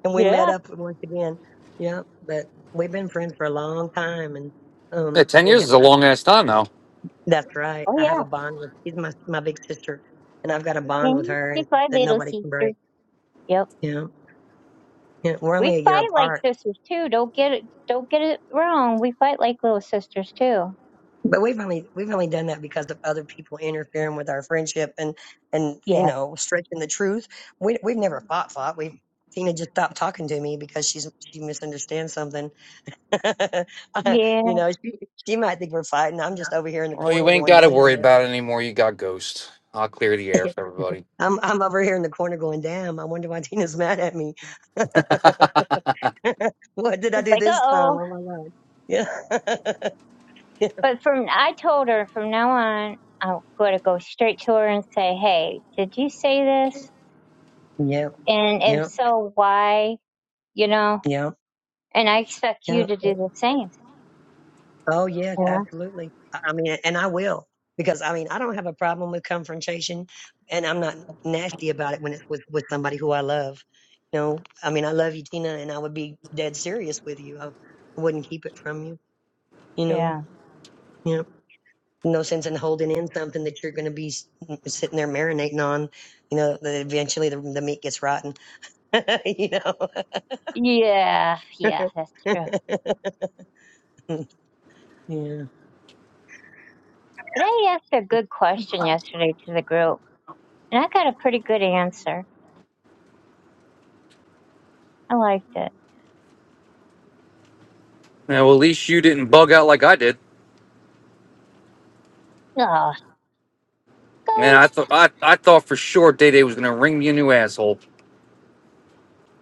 and we met
Yeah.
up once again. Yeah, but we've been friends for a long time, and
Yeah,
um,
10
we
years is a
ha-
long ass time though.
that's right.
Oh
I have
yeah.
a bond with she's my my big sister, and I've got a bond with
Mhm.
her,
She
and
fight
that
little
nobody can
sister.
break.
Yep.
You know, yeah, we're
We
only a year
fight like
apart
sisters too. Don't get it. Don't get it wrong. We fight like little sisters too.
but we've only we've only done that because of other people interfering with our friendship and and you
Yeah.
know stretching the truth. We we've never fought fought. We have Tina just stopped talking to me because she's she misunderstands something.
Yeah.
you know, she she might think we're fighting. I'm just over here in the
Well, you
corner
ain't
going,
got to worry
damn.
about it anymore. You got Ghost. I'll clear the air for everybody.
I'm I'm over here in the corner going, damn. I wonder why Tina's mad at me. what did I
Just
do
like uh
this time?
oh.
Oh my god. Yeah. yeah.
But from I told her from now on, I'm going to go straight to her and say, "Hey, did you say this?
Yep.
And if
Yep.
so, why? You know?"
Yep.
And I expect you to
Yep.
do the same.
Oh yes,
Yeah.
absolutely. I I mean, and I will because I mean, I don't have a problem with confrontation, and I'm not nasty about it when it's with with somebody who I love. You know, I mean, I love you, Tina, and I would be dead serious with you. I wouldn't keep it from you. You know,
Yeah.
yeah. No sense in holding in something that you're going to be s- mm, sitting there marinating on. You know, that eventually the, the meat gets rotten. you know.
Yeah. Yeah. That's true.
yeah.
But I asked a good question yesterday to the group, and I got a pretty good answer. I liked it.
Yeah, well, at least you didn't bug out like I did.
Oh,
Man,
go!
I thought I, I thought for sure Day Day was gonna ring me a new asshole.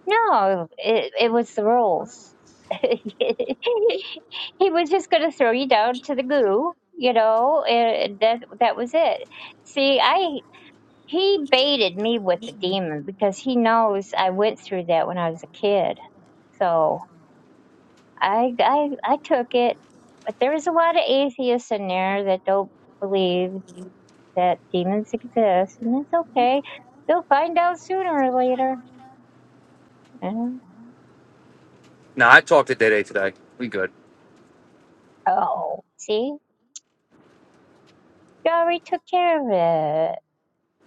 No, it, it was the rules. he was just going to throw you down to the goo, you know, and that that was it. See, I he baited me with the demon because he knows I went through that when I was a kid. So I I I took it, but there's a lot of atheists in there that don't believe that demons exist, and it's okay. They'll find out sooner or later. Yeah.
Nah, I talked to Day Day today. We good.
Oh, see. You already took care of it.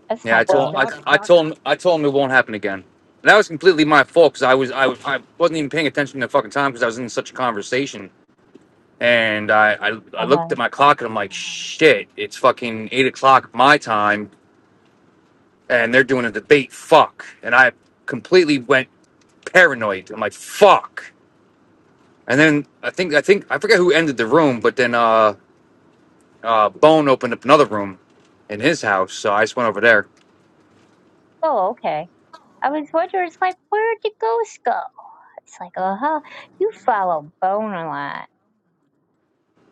That's
Yeah, I
my
Well,
told
ghost.
I,
Doc,
I
Doc,
told him I told him it won't happen again. And that was completely my fault because I was I, was- I wasn't even paying attention to the fucking time because I was in such a conversation. And I, I I
Uh huh.
looked at my clock and I'm like, shit, it's fucking eight o'clock my time, and they're doing a debate. Fuck. And I completely went paranoid. I'm like, fuck. And then I think I think I forget who ended the room, but then uh uh Bone opened up another room in his house, so I just went over there.
Oh, okay. I was wondering, it's like, where'd the ghost go? It's like, uh huh. You follow Bone a lot.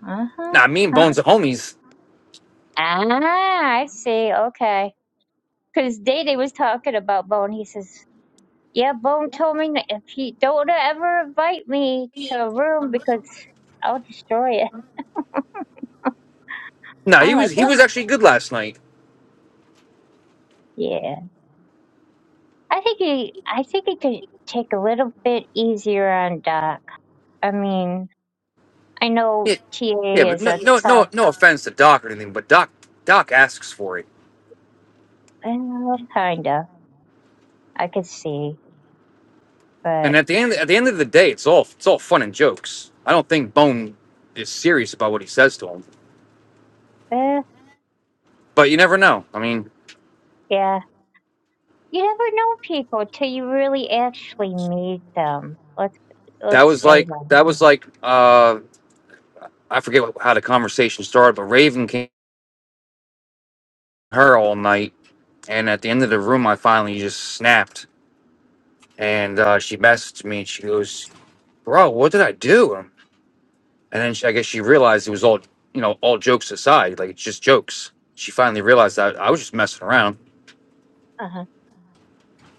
Uh huh.
Nah, me and
Uh-huh.
Bone's the homies.
Ah, I see. Okay. Because Dede was talking about Bone. He says, yeah, Bone told me that if he don't ever invite me to a room because I'll destroy it.
Nah, he
I'm
was
like,
he
oh,
was actually good last night.
yeah. I think he, I think he could take a little bit easier on Doc. I mean, I know
Yeah, yeah,
TA
but
is
no,
a
no, no,
tough,
no offense to Doc or anything, but Doc, Doc asks for it,
well, kinda. I could see,
and
but
at the end, at the end of the day, it's all, it's all fun and jokes. I don't think Bone is serious about what he says to him,
eh,
but you never know. I mean,
yeah. You never know people till you really actually meet them. Let's
that
let's
was
say
like,
that.
that was like, uh, I forget what, how the conversation started, but Raven came at her all night, and at the end of the room, I finally just snapped, and uh, she messaged me, and she goes, "Bro, what did I do?" And then she, I guess she realized it was all, you know, all jokes aside. Like, it's just jokes. She finally realized that I was just messing around.
Uh huh.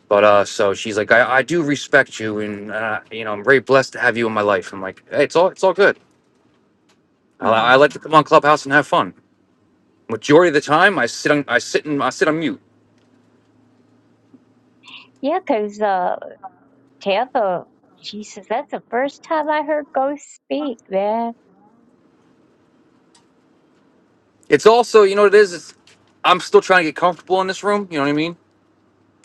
But uh, so she's like, I, I do respect you, and uh, you know, I'm very blessed to have you in my life. I'm like, hey, it's all, it's all good. I, I like
Oh.
to come on Clubhouse and have fun. Majority of the time, I sit on, I sit in, I sit on mute.
Yeah, 'cause uh, Tampa, Jesus, that's the first time I heard Ghost speak, man.
It's also, you know, what it is. It's, I'm still trying to get comfortable in this room. You know what I mean?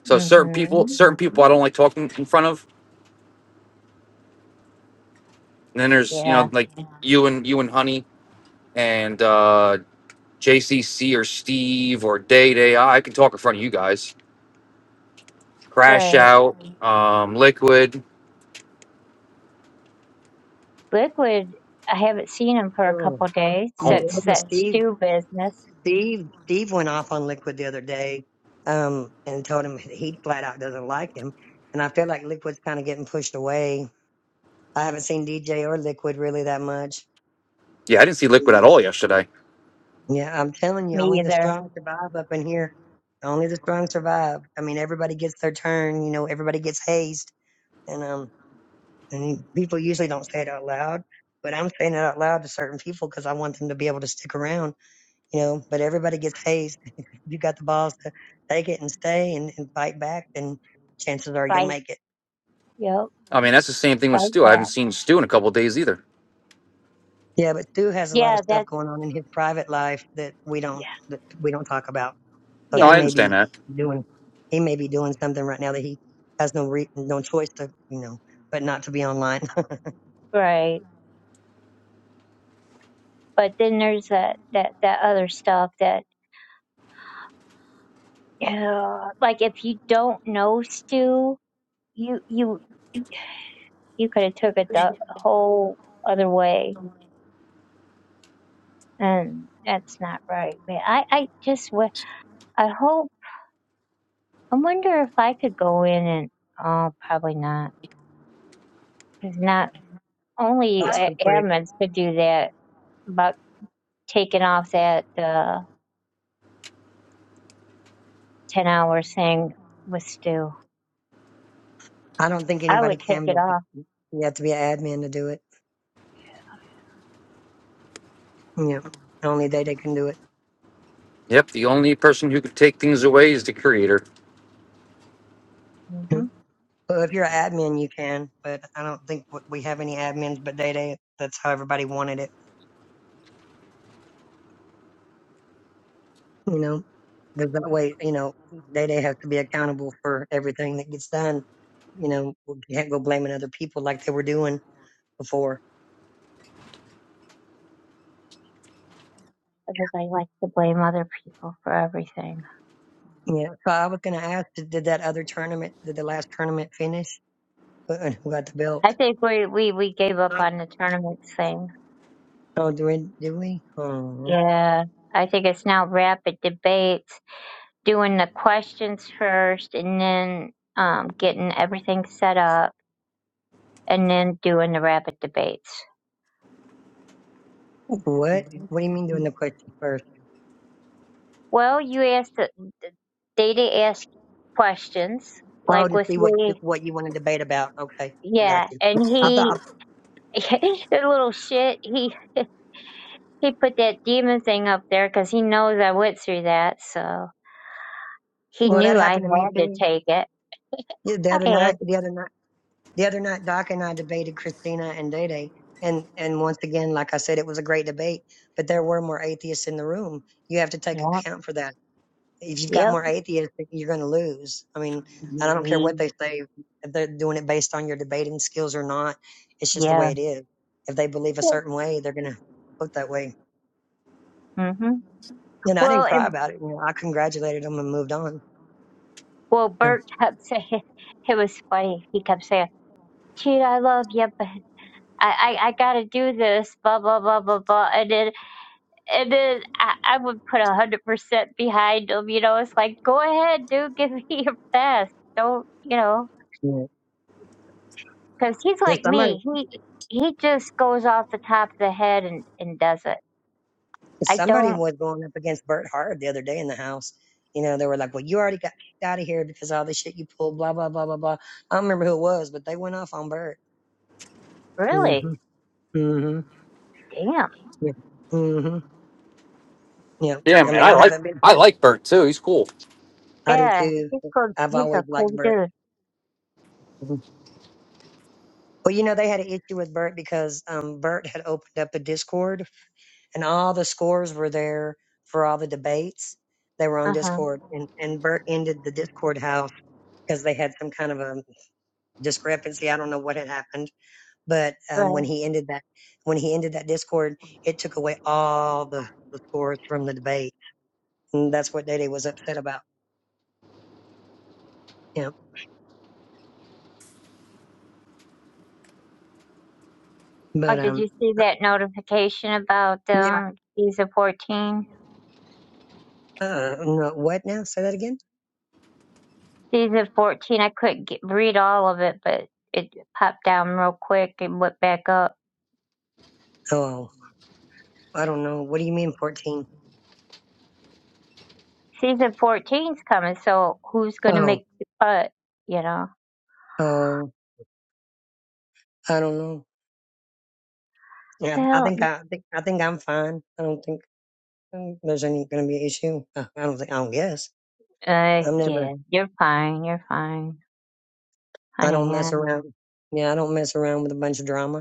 So certain people,
Mm-hmm.
certain people, I don't like talking in front of. And then there's, you
Yeah,
know, like you and you and Honey and uh JCC or Steve or Day Day. I I can talk in front of you guys. Crash
right.
Out, um, Liquid.
Liquid, I haven't seen him for a
oh,
couple days
Oh,
since that
yeah,
stew business.
Steve Steve went off on Liquid the other day um, and told him he flat out doesn't like him, and I feel like Liquid's kind of getting pushed away. I haven't seen DJ or Liquid really that much.
yeah, I didn't see Liquid at all yesterday.
Yeah, I'm telling you,
Me
only the
either.
strong survive up in here. Only the strong survive. I mean, everybody gets their turn. You know, everybody gets hazed, and um, and people usually don't say it out loud, but I'm saying it out loud to certain people because I want them to be able to stick around you know, but everybody gets hazed. If you got the balls to take it and stay and, and fight back, then chances are you'll
Bye.
make it.
Yep.
I mean, that's the same thing with
Bye,
Stu. I
Pat.
haven't seen Stu in a couple days either.
Yeah, but Stu has a lot of
yeah,
stuff
that's
going on in his private life that we
yeah,
don't that we don't talk about. So
No,
he
yeah,
I
may
understand
be
that.
doing he may be doing something right now that he has no re- no choice to you know, but not to be online.
right. But then there's that that that other stuff that yeah, like if you don't know Stu, you you you could have took it the whole other way, and that's not right, man. I I just wa- I hope I wonder if I could go in and oh probably not because not only
That's
uh,
for free.
admins could do that about taking off that uh ten hour thing with Stu.
I don't think
I
anybody
would take
can,
it
but
off.
you have to be an admin to do it. You know, only they they can do it.
Yep, the only person who could take things away is the creator.
Mhm.
Well, if you're an admin, you can, but I don't think w- we have any admins. But Day Day, that's how everybody wanted it, you know. Because that way, you know, Day Day has to be accountable for everything that gets done. You know, we can't go blaming other people like they were doing before.
Because I like to blame other people for everything.
Yeah. So I was gonna ask, did, did that other tournament, did the last tournament finish? Who who got the belt?
I think we, we, we gave up on the tournament thing.
Oh, do we? Did we? Oh,
Yeah. I think it's now rapid debates, doing the questions first and then um, getting everything set up and then doing the rapid debates.
what? What do you mean doing the question first?
Well, you asked, the, the- Data asked questions,
Oh,
like
to
with
see what
me.
what you want to debate about. Okay, I got
Yeah.
you.
And
I
he
thought.
the little shit. He he put that demon thing up there because he knows I went through that, so he
Well, that
knew I
happened to me
had to
too.
take it.
Yeah, the
I
other night,
had to.
the other night, the other night, Doc and I debated Christina and Day Day, and and once again, like I said, it was a great debate. But there were more atheists in the room. You have to take
Yep.
account for that. If you've got
Yep.
more atheists, you're going to lose. I mean, and I don't care what
ye-
they say, if they're doing it based on your debating skills or not. It's just the way
Yeah.
it is. If they believe a certain way, they're going to vote that way.
Mm-hmm.
And I didn't
Well,
cry
and
about it. You know, I congratulated them and moved on.
well,
Yeah.
Bert kept saying it was funny. He kept saying, "Cheetah, I love you, but I I, I got to do this." Blah blah blah blah blah. And then and then I, I would put a hundred percent behind him. You know, it's like, go ahead, dude, give me your best. Don't you know?
Yeah.
because he's
Yeah.
like
Somebody
me. He he just goes off the top of the head and and does it. I
Somebody
don't
was going up against Bert Hart the other day in the house. You know, they were like, well, you already got kicked out of here because of all the shit you pulled, blah, blah, blah, blah, blah. I don't remember who it was, but they went off on Bert.
really.
Mm-hmm. Mm-hmm.
Damn.
Yeah. Mm-hmm. Yeah.
Yeah,
I
man,
mean,
I
I
like
haven't been,
I like Bert too. He's cool.
I do
Yeah,
too.
he's cool.
I've
He's
always
a
liked
cool
Bert.
dude.
Mhm. Well, you know, they had an issue with Bert because um, Bert had opened up a Discord and all the scores were there for all the debates. They were on
Uh huh.
Discord and, and Bert ended the Discord house because they had some kind of a discrepancy. I don't know what had happened, but um, when
Right.
he ended that, when he ended that Discord, it took away all the, the scores from the debate, and that's what Dede was upset about. Yeah,
Oh,
but
did
um,
you see that notification about
yeah,
um season fourteen?
uh, no, what now? Say that again.
Season fourteen. I couldn't get, read all of it, but it popped down real quick and went back up.
Oh, I don't know. What do you mean fourteen?
Season fourteen's coming, so who's gonna
Oh,
make the cut? You know.
oh, I don't know. Yeah, I
Well,
think I, I think I think I'm fine. I don't think um, there's any going to be an issue. Uh, I don't think. I don't guess.
uh,
I'm never.
yeah, you're fine. You're fine,
I
honey.
don't mess
yeah.
around. Yeah, I don't mess around with a bunch of drama.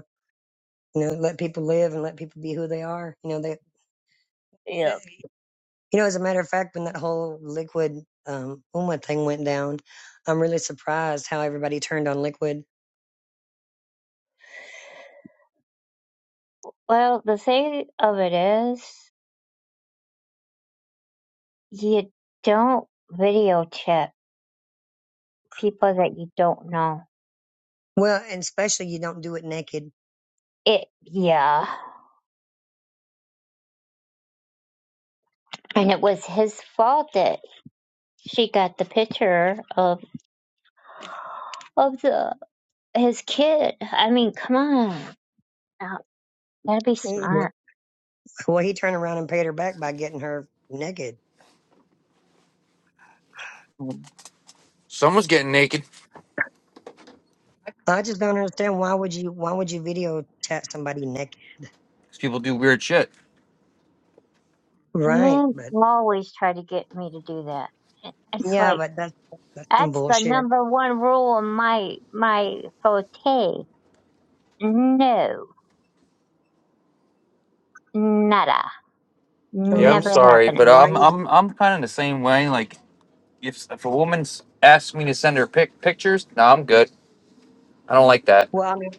you know, let people live and let people be who they are. You know, they,
Yeah.
they- you know, as a matter of fact, when that whole liquid um, Uma thing went down, I'm really surprised how everybody turned on liquid.
Well, the thing of it is, you don't video chat people that you don't know.
Well, and especially you don't do it naked.
It, yeah. And it was his fault that she got the picture of of the his kid. I mean, come on, Uh, gotta be
Mm. Well,
smart.
well, he turned around and paid her back by getting her naked.
Someone's getting naked. 'Cause
I just don't understand why would you why would you video chat somebody naked?
People do weird shit.
Right,
Men
but
always try to get me to do that. It- It's
yeah,
like
but that's that's some
that's the
bullshit.
number one rule in my my forte. No, nada.
I
Yeah, I'm
mean,
Never
sorry, but
happening.
why?
I'm I'm I'm kind of the same way. Like, if if a woman's asked me to send her pic pictures, no, I'm good. I don't like that.
Well, I mean,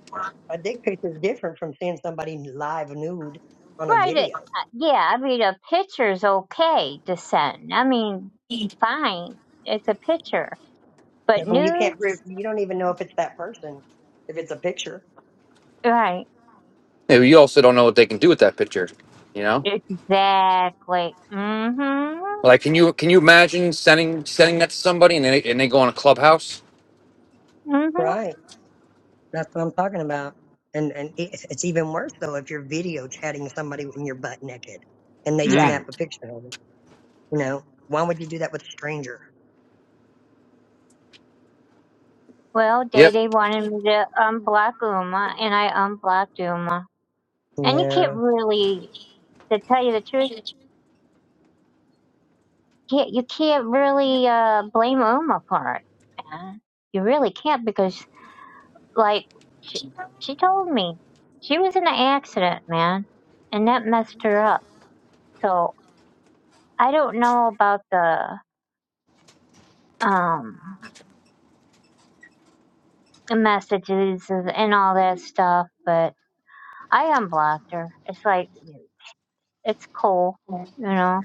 a dick pic is different from seeing somebody live nude on a
Right. It,
video.
uh, yeah, I mean, a picture's okay to send. I mean, fine. It's a picture.
I
But
mean, you can't prove,
nudes?
you don't even know if it's that person, if it's a picture.
Right.
Yeah, you also don't know what they can do with that picture. You know,
Exactly. Mm-hmm.
like can you can you imagine sending sending that to somebody and they and they go on a clubhouse?
Mm-hmm.
Right. That's what I'm talking about. And, and it- it's even worse though if you're video chatting somebody when you're butt naked and they
Yeah.
Mm.
snap a picture of it. You know, why would you do that with a stranger?
Well, Day
Yep.
Day wanted me to unblock Uma, and I unblocked Uma. And you can't
Yeah.
really, to tell you the truth, can't, you can't really uh, blame Uma for it. Man. You really can't because Like she, she told me she was in an accident, man, and that messed her up. So I don't know about the um the messages and all that stuff, but I unblocked her. It's like it's cool, you know.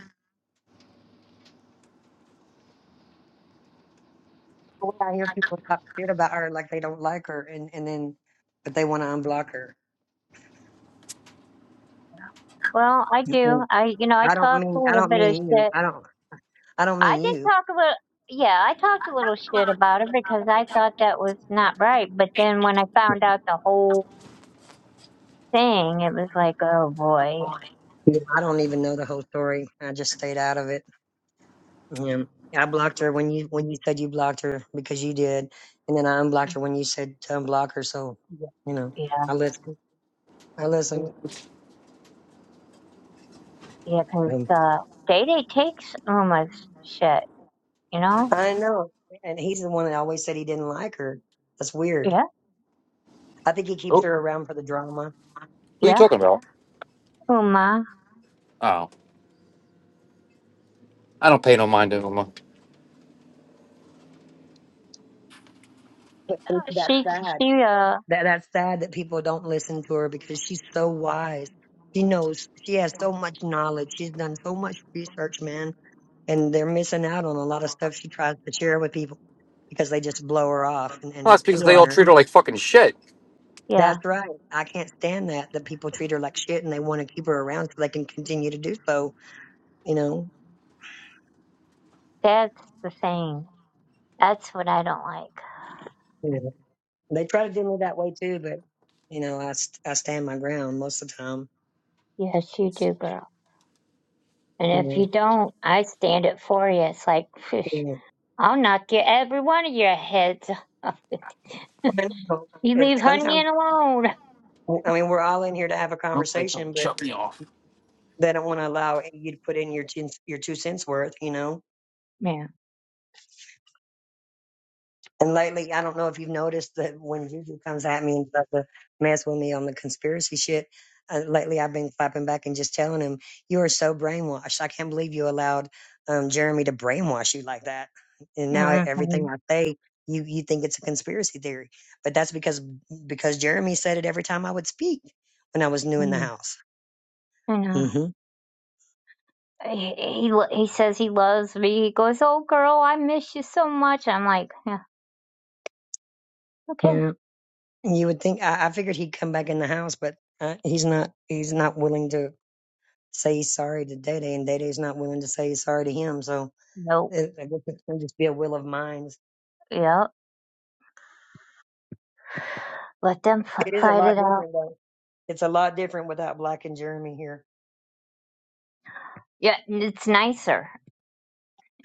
Well, I hear people talk shit about her like they don't like her and, and then, but they want to unblock her.
Well, I do.
Mm-mm.
I you know I
I don't
talked a
mean, I
little
don't
bit of
mean you.
shit.
I don't, I don't
I
mean
did
you.
talk a little. Yeah, I talked a little shit about her because I thought that was not right. But then when I
You
found out the whole thing, it was like, oh boy,
know, I don't even know the whole story. I just stayed out of it. Yeah. I blocked her when you when you said you blocked her because you did, and then I unblocked her when you said to unblock her. So,
Yeah,
you know,
yeah,
I listened. I listened.
yeah, 'cause
Um,
uh, Day Day takes Uma's shit, you know?
I know, and he's the one that always said he didn't like her. That's weird.
Yeah,
I think he keeps
Oh, who
her around for the drama,
are you
yeah,
talking about?
Uma.
Oh, I don't pay no mind to them. Well,
but to me, that's
She,
sad.
she, uh,
That that's sad that people don't listen to her because she's so wise. She knows. She has so much knowledge. She's done so much research, man. and they're missing out on a lot of stuff she tries to share with people because they just blow her off and, and
that's because
pick
yeah,
they
on
all
her.
treat her like fucking shit.
yeah,
That's right. I can't stand that that people treat her like shit and they want to keep her around so they can continue to do so. You know,
that's the thing. That's what I don't like.
you know they try to do me that way too, but you know, I st- I stand my ground most of the time.
Yes, you do, girl. And
You
if you
know,
don't, I stand it for you. It's like, phew,
yeah.
I'll knock you every one of your heads off.
But, you know,
You leave
it's
Honey
sometimes.
in alone.
I mean, we're all in here to have a
Nope, they tell
conversation, but
shut me off.
they don't want to allow you to put in your two, your two cents worth. You know,
Yeah.
And lately, I don't know if you've noticed that when Juju comes at me and does the mess with me on the conspiracy shit, uh, lately I've been clapping back and just telling him, "You are so brainwashed. I can't believe you allowed um, Jeremy to brainwash you like that." And now everything I say, you you think it's a conspiracy theory, but that's because because Jeremy said it every time I would speak when I was new in the house.
Mm-hmm.
hmm
he he lo- he says he loves me. He goes, "Oh, girl, I miss you so much." I'm like, "Yeah, okay,
Yeah, you would think I, I figured he'd come back in the house, but uh, he's not. He's not willing to say he's sorry to Dede, and Day Day's not willing to say he's sorry to him. So
nope,
it, I guess it can just be a will of minds.
yeah, let them f-
It is a
fight
lot
it out."
different, though. It's a lot different without Black and Jeremy here.
Yeah, and it's nicer.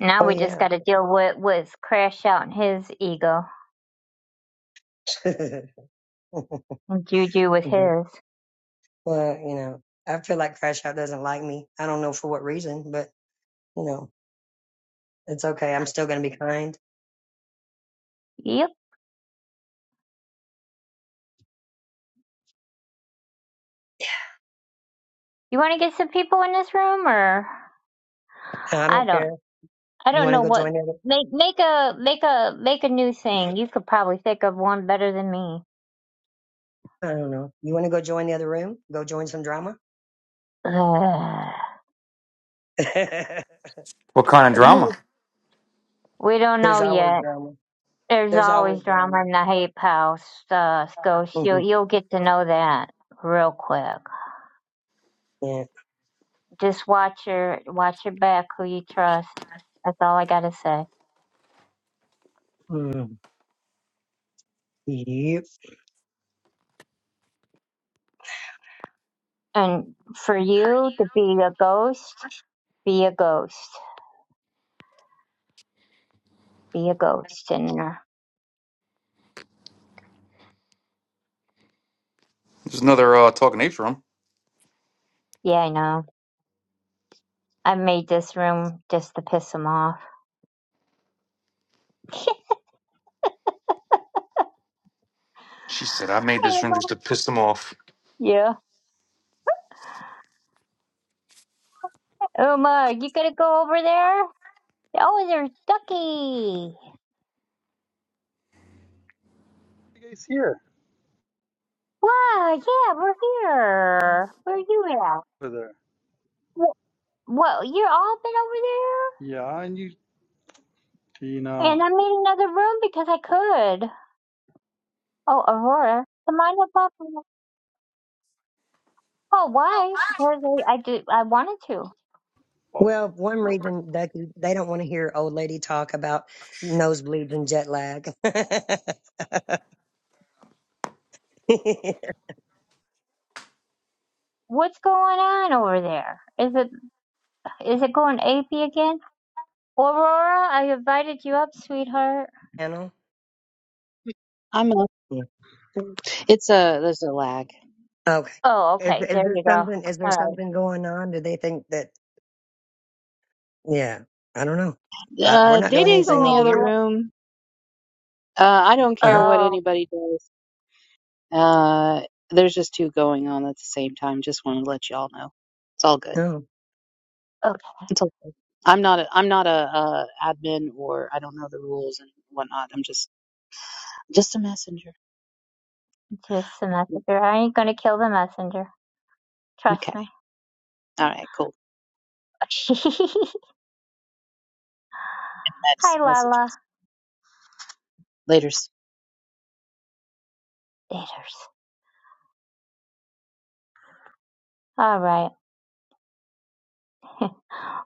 Now
Oh,
we just
yeah.
got to deal with with Crash out and his ego,
but,
and Juju with his.
you know, I feel like Crash Out doesn't like me. I don't know for what reason, but, you know, it's okay. I'm still going to be kind.
Yep. You want to get some people in this room, or
And I
I
don't care.
don't, I
You
don't
want to
know
go
what.
join the other?
Make make a make a make a new thing. You could probably think of one better than me.
I don't know. You want to go join the other room? Go join some drama?
Ugh.
There's
What kind of drama?
we don't know
always
yet.
drama.
There's
There's always
always drama
drama.
in the Hape House, uh, Scotia. You'll,
Mhm.
you'll get to know that real quick.
Yeah.
Just watch your watch your back, who you trust. That's all I gotta say.
Mm. Yep.
And for you to be a ghost, be a ghost, be a ghost in there.
There's another uh, talking apes room.
Yeah, I know. I made this room just to piss him off.
She said I made
Hey,
this
Uma.
room just to piss them off.
Yeah. Uma, you gonna go over there? Oh, there's Ducky.
you guys here
Wow, yeah, we're here. Where are you at?
over there?
Well, you all been over
Yeah, and you,
there?
Tina.
And I made another room because I could. Oh, Aurora, the mind up off. Oh, why? Because I, I did. I wanted to.
Well, one
Oh,
reason that you- they don't want to hear old lady talk about nosebleeds and jet lag.
What's going on over there? Is it is it going AP again? Aurora, I invited you up, sweetheart.
Channel?
I'm a,
Yeah.
it's a, there's a lag.
Okay.
Oh,
Is,
okay.
is
There
there
you go.
something? Is there
All right,
something going on? Do they think that? Yeah, I don't know. I, we're
Uh,
not
Day
doing
let's
Day's in
anything
the
go
over
other
over
here.
it.
room. Uh, I don't care
Uh-huh.
what
Oh,
anybody does. Uh, there's just two going on at the same time. Just want to let y'all know. It's all good.
No,
okay.
It's all good. I'm not a, I'm not a, uh admin or I don't know the rules and whatnot. I'm just, just a messenger.
Just the
Mm,
messenger. I ain't gonna kill the messenger. Trust
Okay.
me.
All right. Cool. And
Hi, Lala.
messages. Later.
Daters. All right.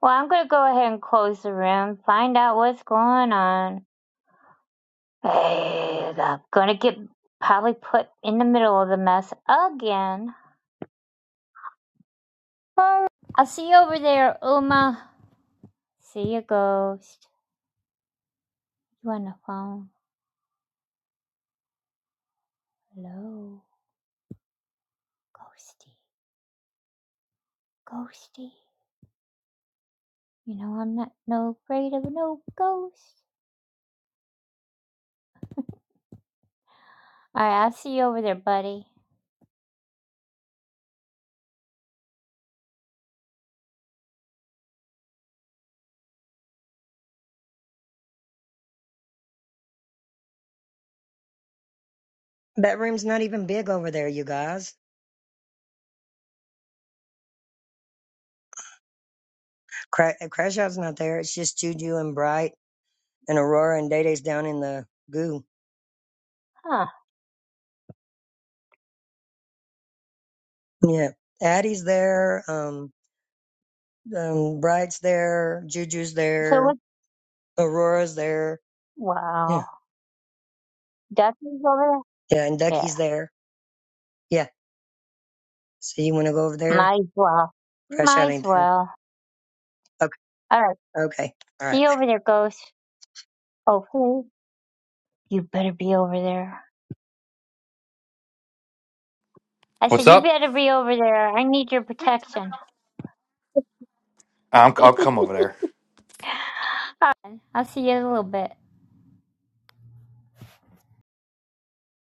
Well, I'm gonna go ahead and close the room, find out what's going on. Hey, I'm gonna get probably put in the middle of the mess again. Well, I'll see you over there, Uma. See you, Ghost. You on the phone? Hello, Ghosty. Ghosty. You know I'm not no afraid of no ghost. All right, I'll see you over there, buddy.
that room's not even big over there, you guys. Cra- uh, Crash Out's not there. It's just Juju and Bright and Aurora and Day Day's down in the goo.
Huh?
Yeah, Addie's there. Um, Um, Bride's there, Juju's
So
there,
what?
Aurora's there. Yeah.
Wow, Duffy's over
Yeah, and
there.
Ducky's
Yeah,
there. Yeah. So you want to go over there?
might as well.
Crash
Might
out
as
ain't there.
well.
Okay.
All right.
Okay. All right.
See over there, ghost. Oh, who? You better be over there. I said,
What's
you
up?
better be over there. I need your protection.
I'm, I'll come over there.
I'll see you in a little bit.